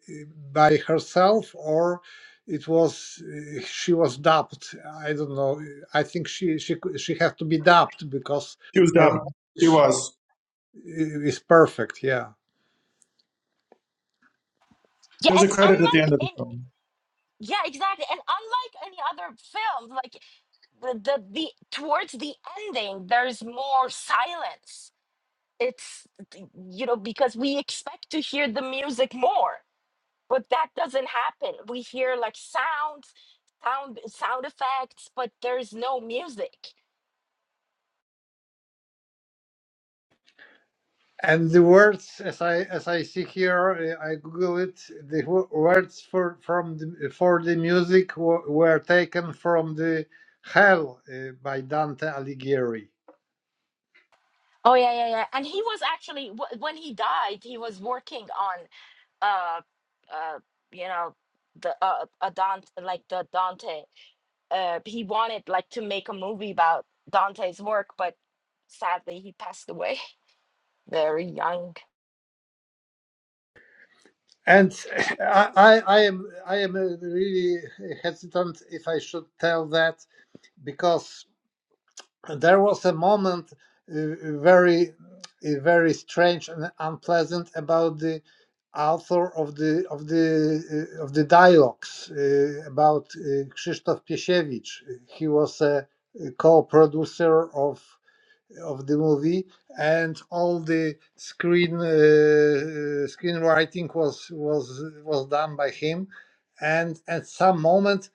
by herself or it was uh, she was dubbed I don't know I think she she cou- she had to be dubbed because
He was
her
dubbed. He
Polish, uh,
was.
is perfect yeah
Yeah,
There's a
and
credit at the
unlike
end of the
any,
film.
yeah, exactly, and unlike any other film, like the, the the towards the ending, there's more silence. It's th- you know because we expect to hear the music more, but that doesn't happen. We hear like sounds, sound sound effects, but there's no music
And the words, as I as I see here, uh, I Google it. The wo- words for from the, for the music were, were taken from the Hell uh, by Dante Alighieri.
Oh yeah, yeah, yeah. And he was actually wh- when he died, he was working on uh uh you know the uh a Dante like the Dante. Uh he wanted like to make a movie about Dante's work, but sadly he passed away very young.
And I, I, I am I am uh, really hesitant if I should tell that because there was a moment uh, very uh, very strange and unpleasant about the author of the of the uh, of the dialogues uh, about uh, Krzysztof Piesiewicz. He was a co-producer of of the movie, and all the screen uh, uh, screenwriting was was was done by him. And at some moment,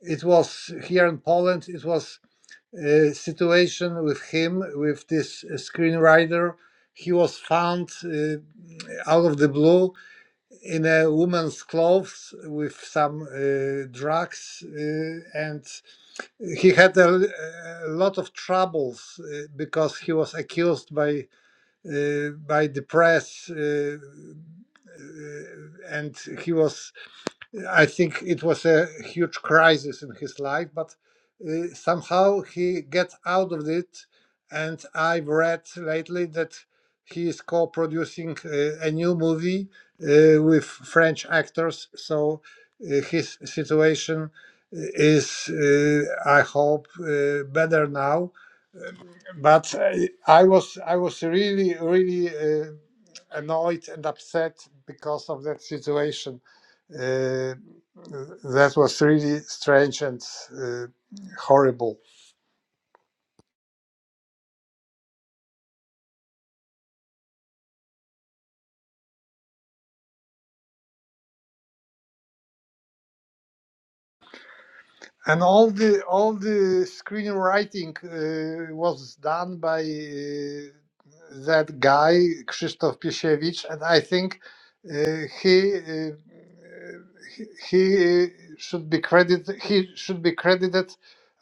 it was here in Poland. It was uh, situation with him, with this uh, screenwriter. He was found uh, out of the blue in a woman's clothes with some uh, drugs, uh, and he had a, a lot of troubles uh, because he was accused by uh, by the press, uh, uh, and he was I think it was a huge crisis in his life, but uh, somehow he gets out of it. And I've read lately that he is co-producing uh, a new movie uh, with French actors. So uh, his situation is, uh, I hope, uh, better now but I, I was I was really really uh, annoyed and upset because of that situation. Uh, that was really strange and uh, horrible. And all the all the screenwriting uh, was done by uh, that guy Krzysztof Piesiewicz, and I think uh, he uh, he he, uh, should be credited he should be credited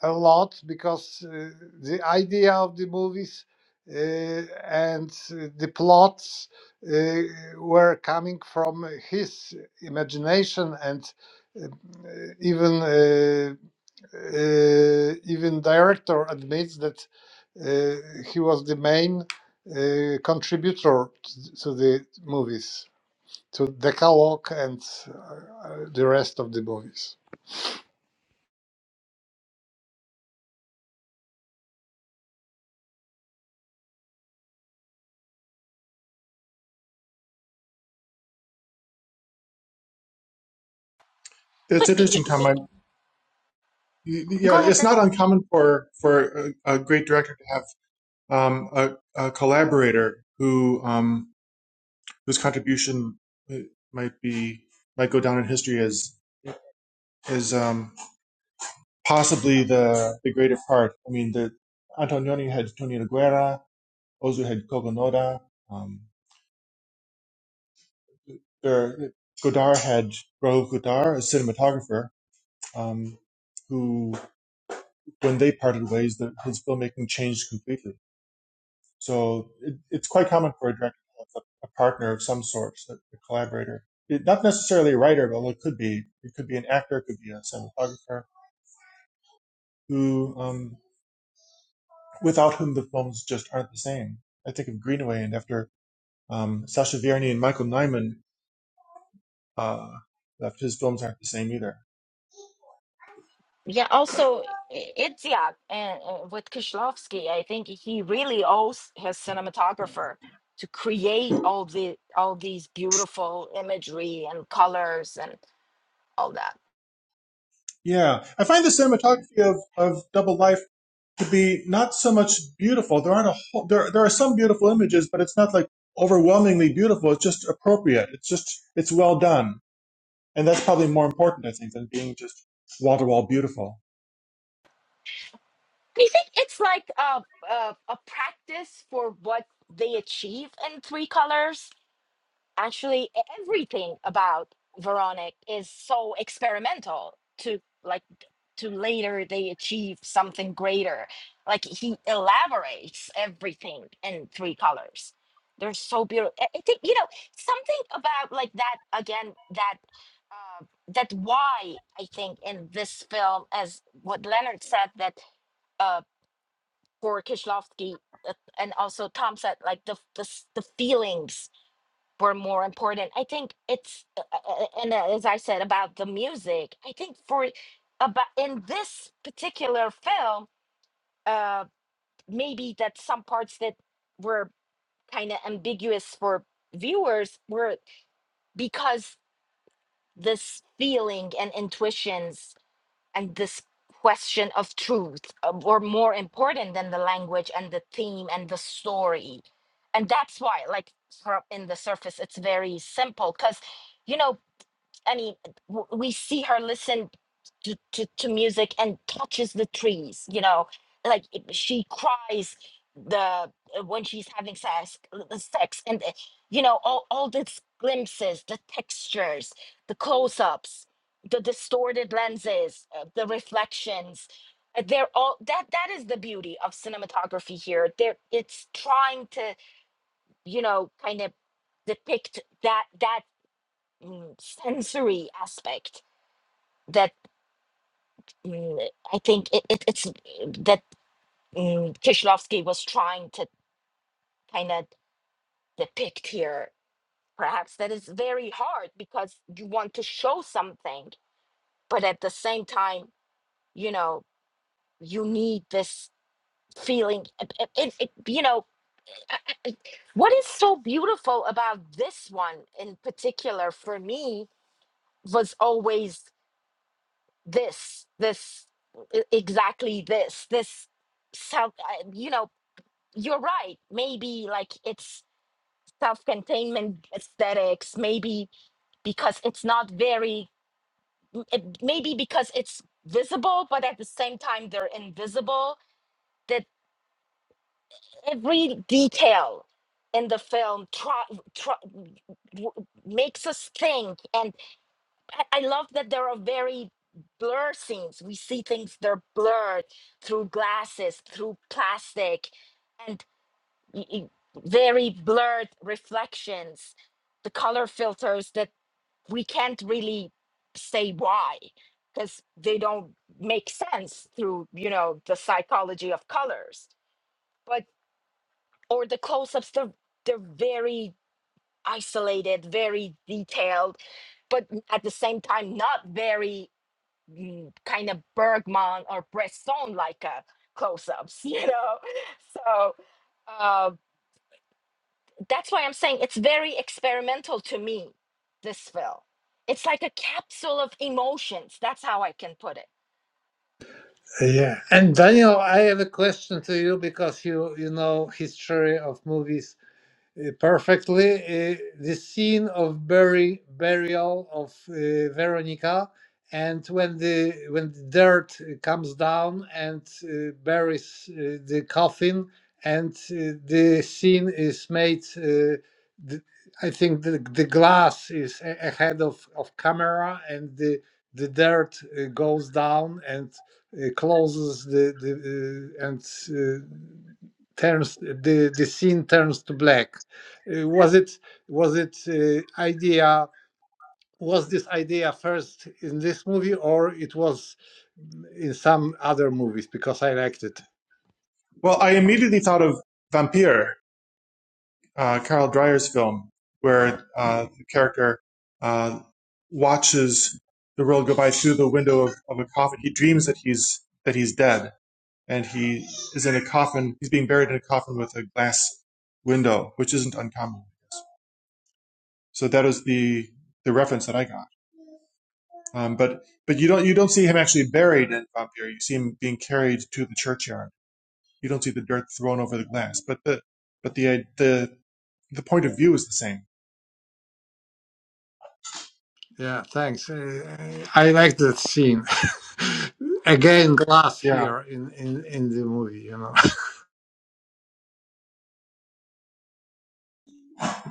a lot because uh, the idea of the movies uh, and uh, the plots uh, were coming from his imagination and uh, even. uh, uh, even director admits that uh, he was the main uh, contributor to the movies, to Decalogue and uh, uh, the rest of the movies.
It's
But y-
interesting, Tom.
y-
I,
go
yeah,
ahead.
it's
Dan.
not uncommon for for a, a great director to have um, a, a collaborator who um, whose contribution uh, might be might go down in history as is. possibly the the greater part. I mean, the Antonioni had Tony Aguera, Ozu had Kogo Noda, um, there, Godard had Raoul Godard, a cinematographer, um, who, when they parted ways, the, his filmmaking changed completely. So it, it's quite common for a director to have a, a partner of some sort, a, a collaborator. It, not necessarily a writer, but it could be. It could be an actor, it could be a cinematographer, who, um, without whom the films just aren't the same. I think of Greenaway, and after Um, Sasha Vierny and Michael Nyman, uh, uh, his films aren't the same either.
Yeah, also I- Itzhak and uh, with Kishlovsky, I think he really owes his cinematographer to create all the all these beautiful imagery and colors all that.
Yeah, I find the cinematography of, of Double Life to be not so much beautiful. There aren't a whole, there there are some beautiful images, but it's not like overwhelmingly beautiful. It's just appropriate. It's just it's well done, and that's probably more important, I think, than being just wall to wall beautiful.
Do you think it's like a, a a practice for what they achieve in three colors? Actually, e- everything about Veronic is so experimental to like to later they achieve something greater. Like he elaborates everything in three colors. They're so beautiful. I I think you know something about like that again that uh, that why I think in this film as what Leonard said that uh, for Kishlovsky, uh, and also Tom said like the f- the, s- the feelings were more important. I think it's uh, uh, uh, and uh, as I said about the music, I think for about in this particular film, uh, maybe that some parts that were kind of ambiguous for viewers were because this feeling and intuitions and this question of truth uh, were more important than the language and the theme and the story and that's why like for- in the surface it's very simple because you know I mean, w- we see her listen to, to, to music and touches the trees, you know, like it- she cries the uh, when she's having sex, uh, uh, sex and uh, you know, all, all these glimpses, the textures, the close ups, the distorted lenses, uh, the reflections. uh, They're all that that is the beauty of cinematography here. There it's trying to, you know, kind of depict that that mm, sensory aspect that mm, I think it, it, it's that mm, Kishlovsky was trying to kind of depict here, perhaps that is very hard because you want to show something, but at the same time, you know, you need this feeling. It, it, it- it- you know, I- I- I- what is so beautiful about this one in particular for me was always this, this, e- exactly this, this self. uh, You know you're right. Maybe like it's self-containment aesthetics. Maybe because it's not very. m- it- Maybe because it's visible, but at the same time they're invisible. That every detail in the film try, try, w- makes us think, and I I love that there are very blur scenes. We see things they're blurred through glasses, through plastic, y- y- very blurred reflections, the color filters that we can't really say why because they don't make sense through you know the psychology of colors but or the close-ups they're, they're very isolated very detailed but at the same time not very mm, kind of bergman or bresson like uh, close-ups you know so uh, that's why I'm saying it's very experimental to me, this film. It's like a capsule of emotions. That's how I can put it
Yeah, and Daniel, I have a question to you because you you know history of movies uh, perfectly uh, the scene of bury, burial of uh, Veronica, and when the when the dirt uh, comes down and uh, buries uh, the coffin, and uh, the scene is made. Uh, the, I think the, the glass is a- ahead of, of camera, and the the dirt uh, goes down and uh, closes the the uh, and uh, turns the the scene turns to black uh, was it was it uh, idea was this idea first in this movie or it was in some other movies because I liked it.
Well, I immediately thought of Vampire uh, Carl Dreyer's film, where uh, the character uh, watches the world go by through the window of, of a coffin. He dreams that he's that he's dead, and he is in a coffin. He's being buried in a coffin with a glass window, which isn't uncommon. So that was the the reference that I got. Um, but but you don't you don't see him actually buried in Vampire. You see him being carried to the churchyard. You don't see the dirt thrown over the glass. But the but the the the point of view is the same.
Yeah, thanks. Uh, I liked that scene. Again, glass
Yeah.
here in, in, in the movie, you know.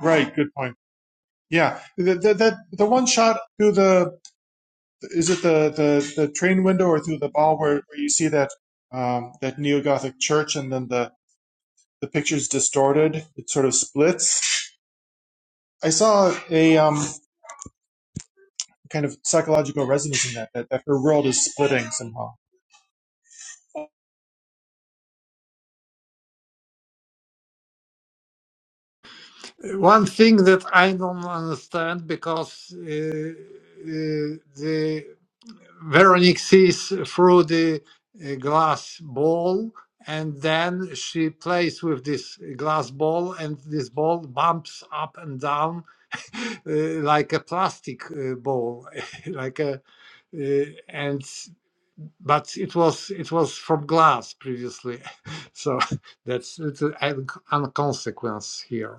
Right. Good point. Yeah. The, the, the, the one shot through the, is it the, the, the train window or through the ball where, where you see that, um, that neo Gothic church and then the, the picture's distorted. It sort of splits. I saw a, um, kind of psychological resonance in that, that, that her world is splitting somehow.
One thing that I don't understand because uh, uh, the Veronique sees through the uh, glass ball, and then she plays with this glass ball, and this ball bumps up and down uh, like a plastic uh, ball, like a uh, and but it was it was from glass previously, so that's it's a, a consequence here.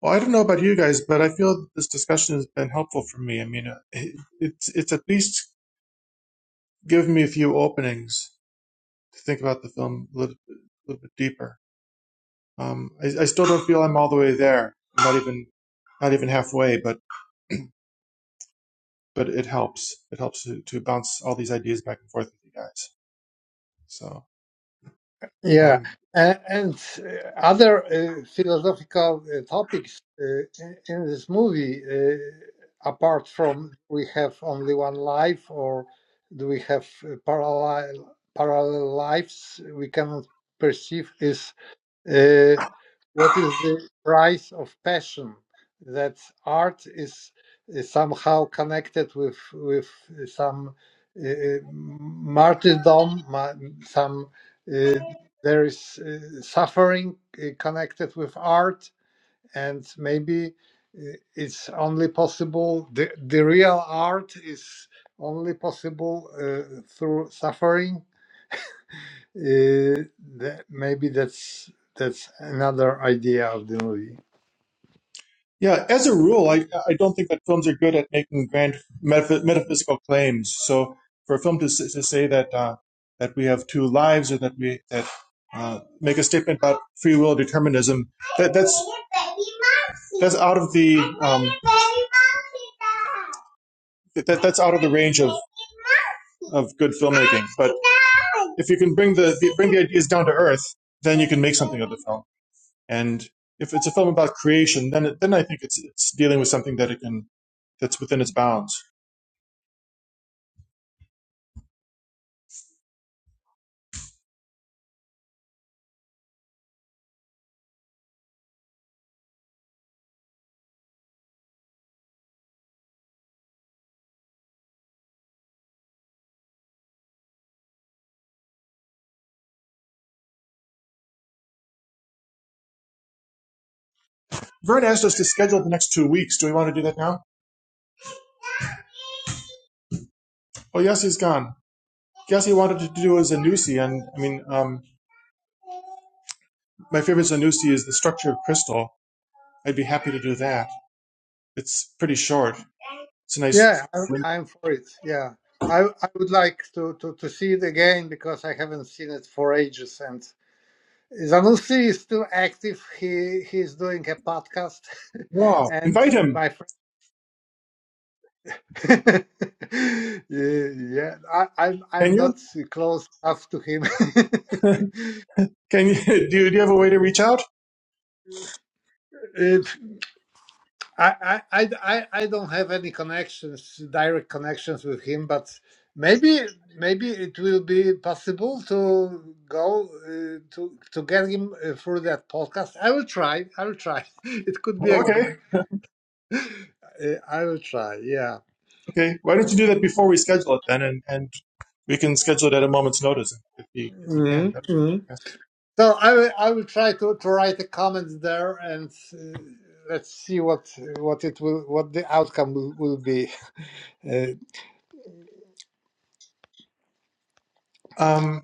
Well, I don't know about you guys, but I feel that this discussion has been helpful for me. I mean, uh, it, it's it's at least given me a few openings to think about the film a little, a little bit deeper. Um, I, I still don't feel I'm all the way there. I'm not even not even halfway, but but it helps. It helps to, to bounce all these ideas back and forth with you guys. So.
Yeah,
Um,
and, and uh, other uh, philosophical uh, topics uh, in in this movie, uh, apart from we have only one life, or do we have uh, parallel parallel lives we cannot perceive, is uh, what is the price of passion? That art is is somehow connected with with uh, some uh, uh, martyrdom, ma- some uh, there is uh, suffering uh, connected with art, and maybe uh, it's only possible the the real art is only possible uh, through suffering uh, that, maybe that's that's another idea of the movie.
Yeah, as a rule, I, I don't think that films are good at making grand metaph- metaphysical claims. So for a film to, s- to say that uh, that we have two lives or that we that uh, make a statement about free will determinism, that, that's that's out of the um, that, that's out of the range of of good filmmaking. But if you can bring the, the bring the ideas down to earth, then you can make something of the film. And if it's a film about creation, then it, then I think it's it's dealing with something that it can that's within its bounds. Vern asked us to schedule the next two weeks. Do we want to do that now? Oh, yes, he's gone. Guess he wanted to do a Zanussi, and I mean, um, my favorite Zanussi is the structure of crystal. I'd be happy to do that. It's pretty short. It's a nice.
Yeah, I, I'm for it. Yeah, I I would like to, to to see it again because I haven't seen it for ages. And Zanussi is still active. He he's doing a podcast,
Wow!
and
Invite him.
my friend. yeah, yeah, I, I'm
Can
I'm
you?
not close enough to him.
Can you? Do you, do you have a way to reach out?
Uh, I, I, I, I don't have any connections, direct connections with him, but maybe maybe it will be possible to go uh, to to get him uh, through that podcast. I will try. I will try. It could be a.
Okay.
g- Uh, I will try. Yeah.
Okay. Why don't you do that before we schedule it then, and and We can schedule it at a moment's notice if you if you can.
Mhm,
That'd be
mhm.
fantastic.
So I will I will try to, to write a comment there and. Uh, Let's see what what it will what the outcome will, will be uh,
Um,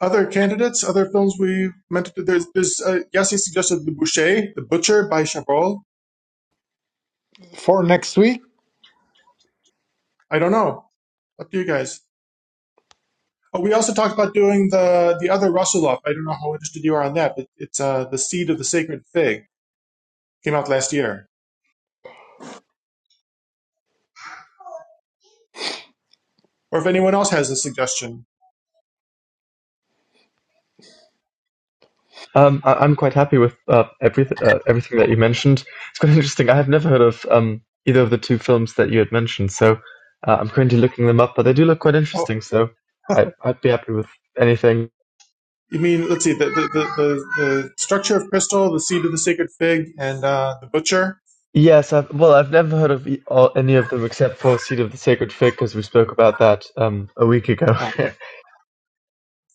other candidates, other films we meant to. There's there's uh, Yassi suggested The Boucher, The Butcher by Chabrol.
for next week.
I don't know. Up to you guys. Oh, we also talked about doing the the other Rusulov. I don't know how interested you are on that, but it's uh, The Seed of the Sacred Fig. Came out last year. Or if anyone else has a suggestion.
Um, I, I'm quite happy with uh, everything uh, everything that you mentioned. It's quite interesting. I have never heard of um, either of the two films that you had mentioned, so uh, I'm currently looking them up. But they do look quite
Oh,
interesting, so I, I'd be happy with anything.
you mean let's see the the the, the, the structure of crystal, the seed of the sacred fig, and uh, the butcher.
Yes, I've, well, I've never heard of e- all, any of them except for Seed of the Sacred Fig, because we spoke about that um, a week ago.
Oh, okay.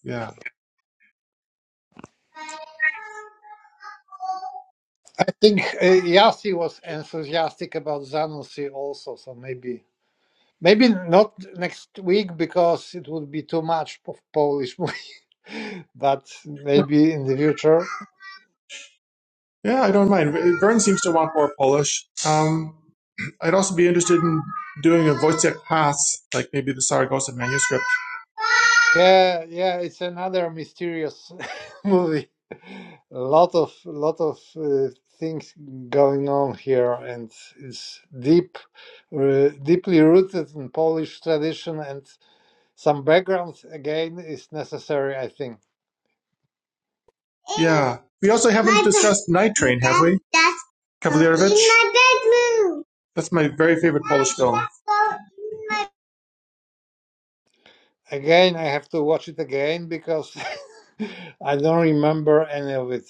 Yeah.
I think uh, Yassi was enthusiastic about Zanussi also, so maybe maybe not next week because it would be too much of Polish movie, but maybe in the future.
Yeah, I don't mind. Vern seems to want more Polish. Um, I'd also be interested in doing a Wojciech Pass, like maybe the Saragossa manuscript.
Yeah, yeah, it's another mysterious movie. A lot of lot of uh, things going on here, and it's deep, uh, deeply rooted in Polish tradition, and some background again is necessary, I think.
Yeah. We also haven't discussed Night Train, have we? Kavalierovich? That's my very favorite Polish film.
Again, I have to watch it again because I don't remember any of it.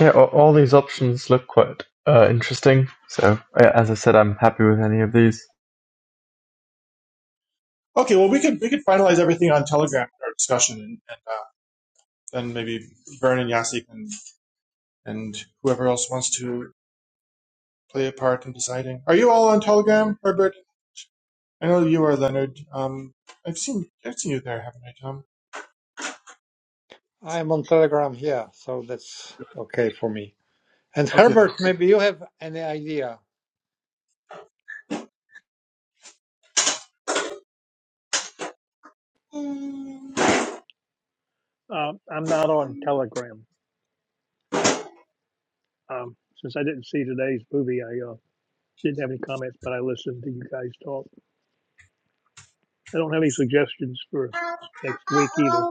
yeah, all, all these options look quite uh, interesting. So, yeah, as I said, I'm happy with any of these.
Okay, well, we could we could finalize everything on Telegram in our discussion, and, and uh, then maybe Vern and Yassi and, and whoever else wants to play a part in deciding. Are you all on Telegram, Herbert? I know you are, Leonard. Um, I've seen I've seen you there, haven't I, Tom?
I'm on Telegram here, so that's okay for me. And
Okay then.
Herbert, maybe you have any idea.
Uh, I'm not on Telegram. Um, since I didn't see today's movie, I uh, didn't have any comments, but I listened to you guys talk. I don't have any suggestions for next week either.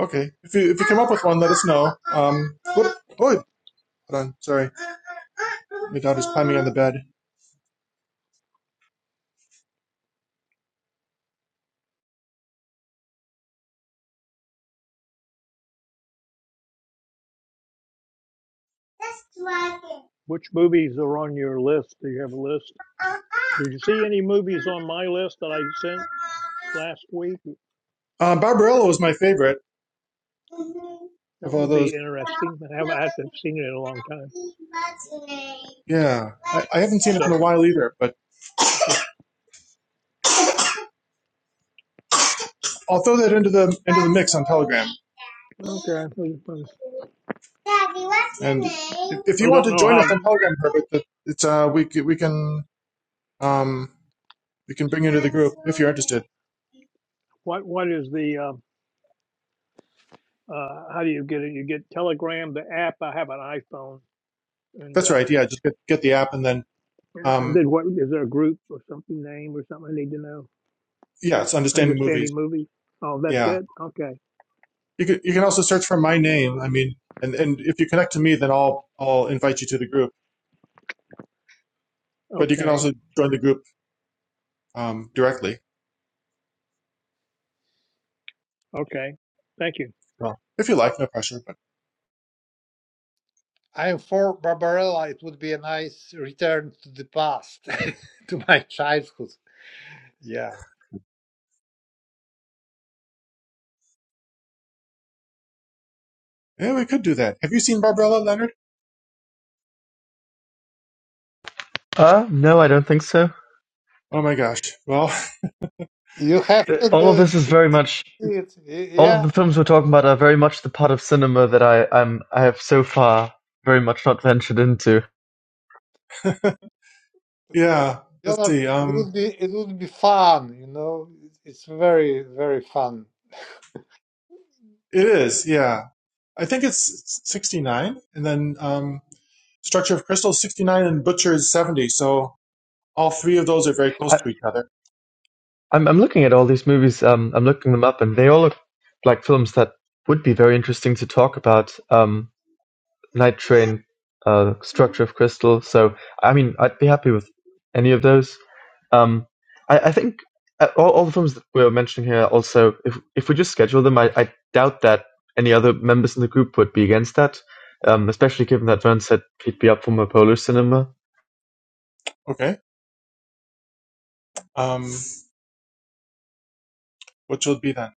Okay, if you if you come up with one, let us know. Um, whoop, oh, hold on, sorry, my daughter's climbing on the bed.
Which movies are on your list? Do you have a list? Did you see any movies on my list that I sent last week?
Uh, Barbarella was my favorite
That
of all
would be
those.
interesting. I haven't, I haven't seen it in a long time.
Yeah, I, I haven't seen it
So,
in a while either, but
so
I'll throw that into the into the mix on Telegram.
okay. I don't
And if you want to
know
join
how.
us on Telegram, Herbert, it's uh we we can um we can bring you to the group if you're interested.
What what is the? Uh, uh, how do you get it? You get Telegram, the app. I have an iPhone, and
That's
um,
right. Yeah, just get get the app and then
And and
um
then what, is there a group or something, name or something I need to know?
yeah, it's understanding movies.
Understanding movies? Oh, that's
Yeah,
it? Okay,
you can you can also search for my name. I mean, and and if you connect to me, then I'll I'll invite you to the group. But you can
okay,
also join the group um, directly.
okay. Thank you.
Well, if you like, no pressure. But
I'm for Barbarella. It would be a nice return to the past, to my childhood. Yeah,
yeah, we could do that. Have you seen Barbarella, Leonard?
Uh, no, I don't think so.
Oh my gosh. Well,
you have
Uh,
to
All
do
of
it. It-
this is
it,
very
it,
much, all of
Yeah,
the films we're talking about are very much the part of cinema that I, I'm, I have so far very much not ventured into.
yeah. Let's
Leonard,
see.
it
Um,
would be it would be fun. You know, it's very very fun.
it is. Yeah, I think it's sixty nine, and then um, Structure of Crystal is sixty nine, and Butcher is seventy. So all three of those are very close
I,
to each other.
I'm, I'm looking at all these movies, um, I'm looking them up, and they all look like films that would be very interesting to talk about. Um, night train uh, structure of crystal. So I mean, I'd be happy with any of those. Um, I, I think uh, all, all the films that we are mentioning here also, if if we just schedule them, I, I doubt that any other members in the group would be against that. Um, especially given that Vern said he'd be up for more Polish cinema.
Okay. Um, which will be then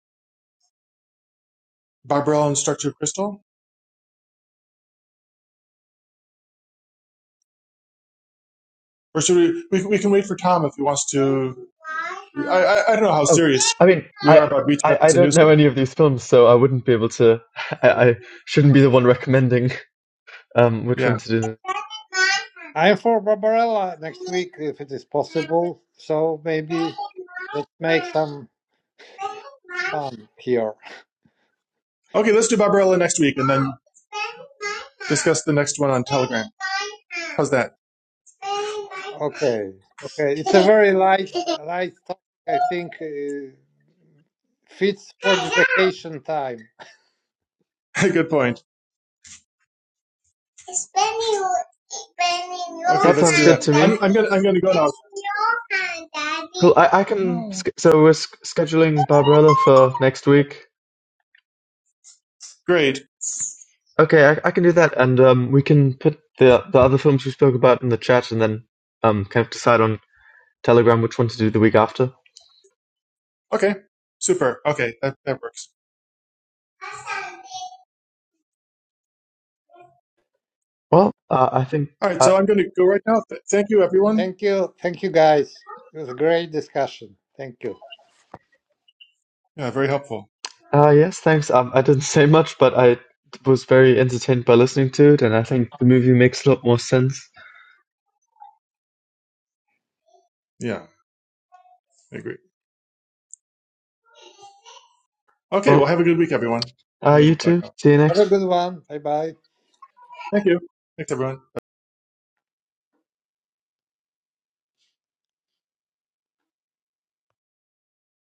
Barbarella and Structure of Crystal. Or should we, we, we can wait for Tom if he wants to. I, I, I don't know how
Oh,
serious
I mean,
we are
I.
about reaching
I,
out
I
to
don't
Zanussi.
know any of these films, so I wouldn't be able to. I, I shouldn't be the one recommending um, which
Yeah.
one to do.
I'm for Barbarella next week if it is possible. So maybe let's make some fun here.
Okay, let's do Barbarella next week and then discuss the next one on Telegram. How's that?
Okay, okay. It's a very light, light topic. I think uh, fits for the vacation time.
Good point. It's when you, it's when your Okay,
That
let's
sounds
do
good
that. hand,
to
I'm,
me.
I'm Daddy. gonna I'm gonna go now. your hand,
Cool.
Daddy.
I, I
Oh,
can.
no.
sch- So we're sch- scheduling Barbarella for next week.
Great.
Okay, I, I can do that, and um, we can put the the other films we spoke about in the chat, and then um, kind of decide on Telegram which one to do the week after.
Okay. Super. Okay, that, that works.
Well, uh, I think.
All right,
Uh,
so I'm gonna go right now. Th- thank you, everyone.
Thank you, thank you guys. It was a great discussion. Thank you.
Yeah, very helpful.
uh, yes, thanks. Um, I didn't say much, but I was very entertained by listening to it, and I think the movie makes a lot more sense.
Yeah, I agree. Okay,
Well,
well, have a good week, everyone.
uh,
I'm
you
gonna duck
too.
out.
See you
Have a
next.
good one. Bye bye.
Thank you. Thanks, everyone.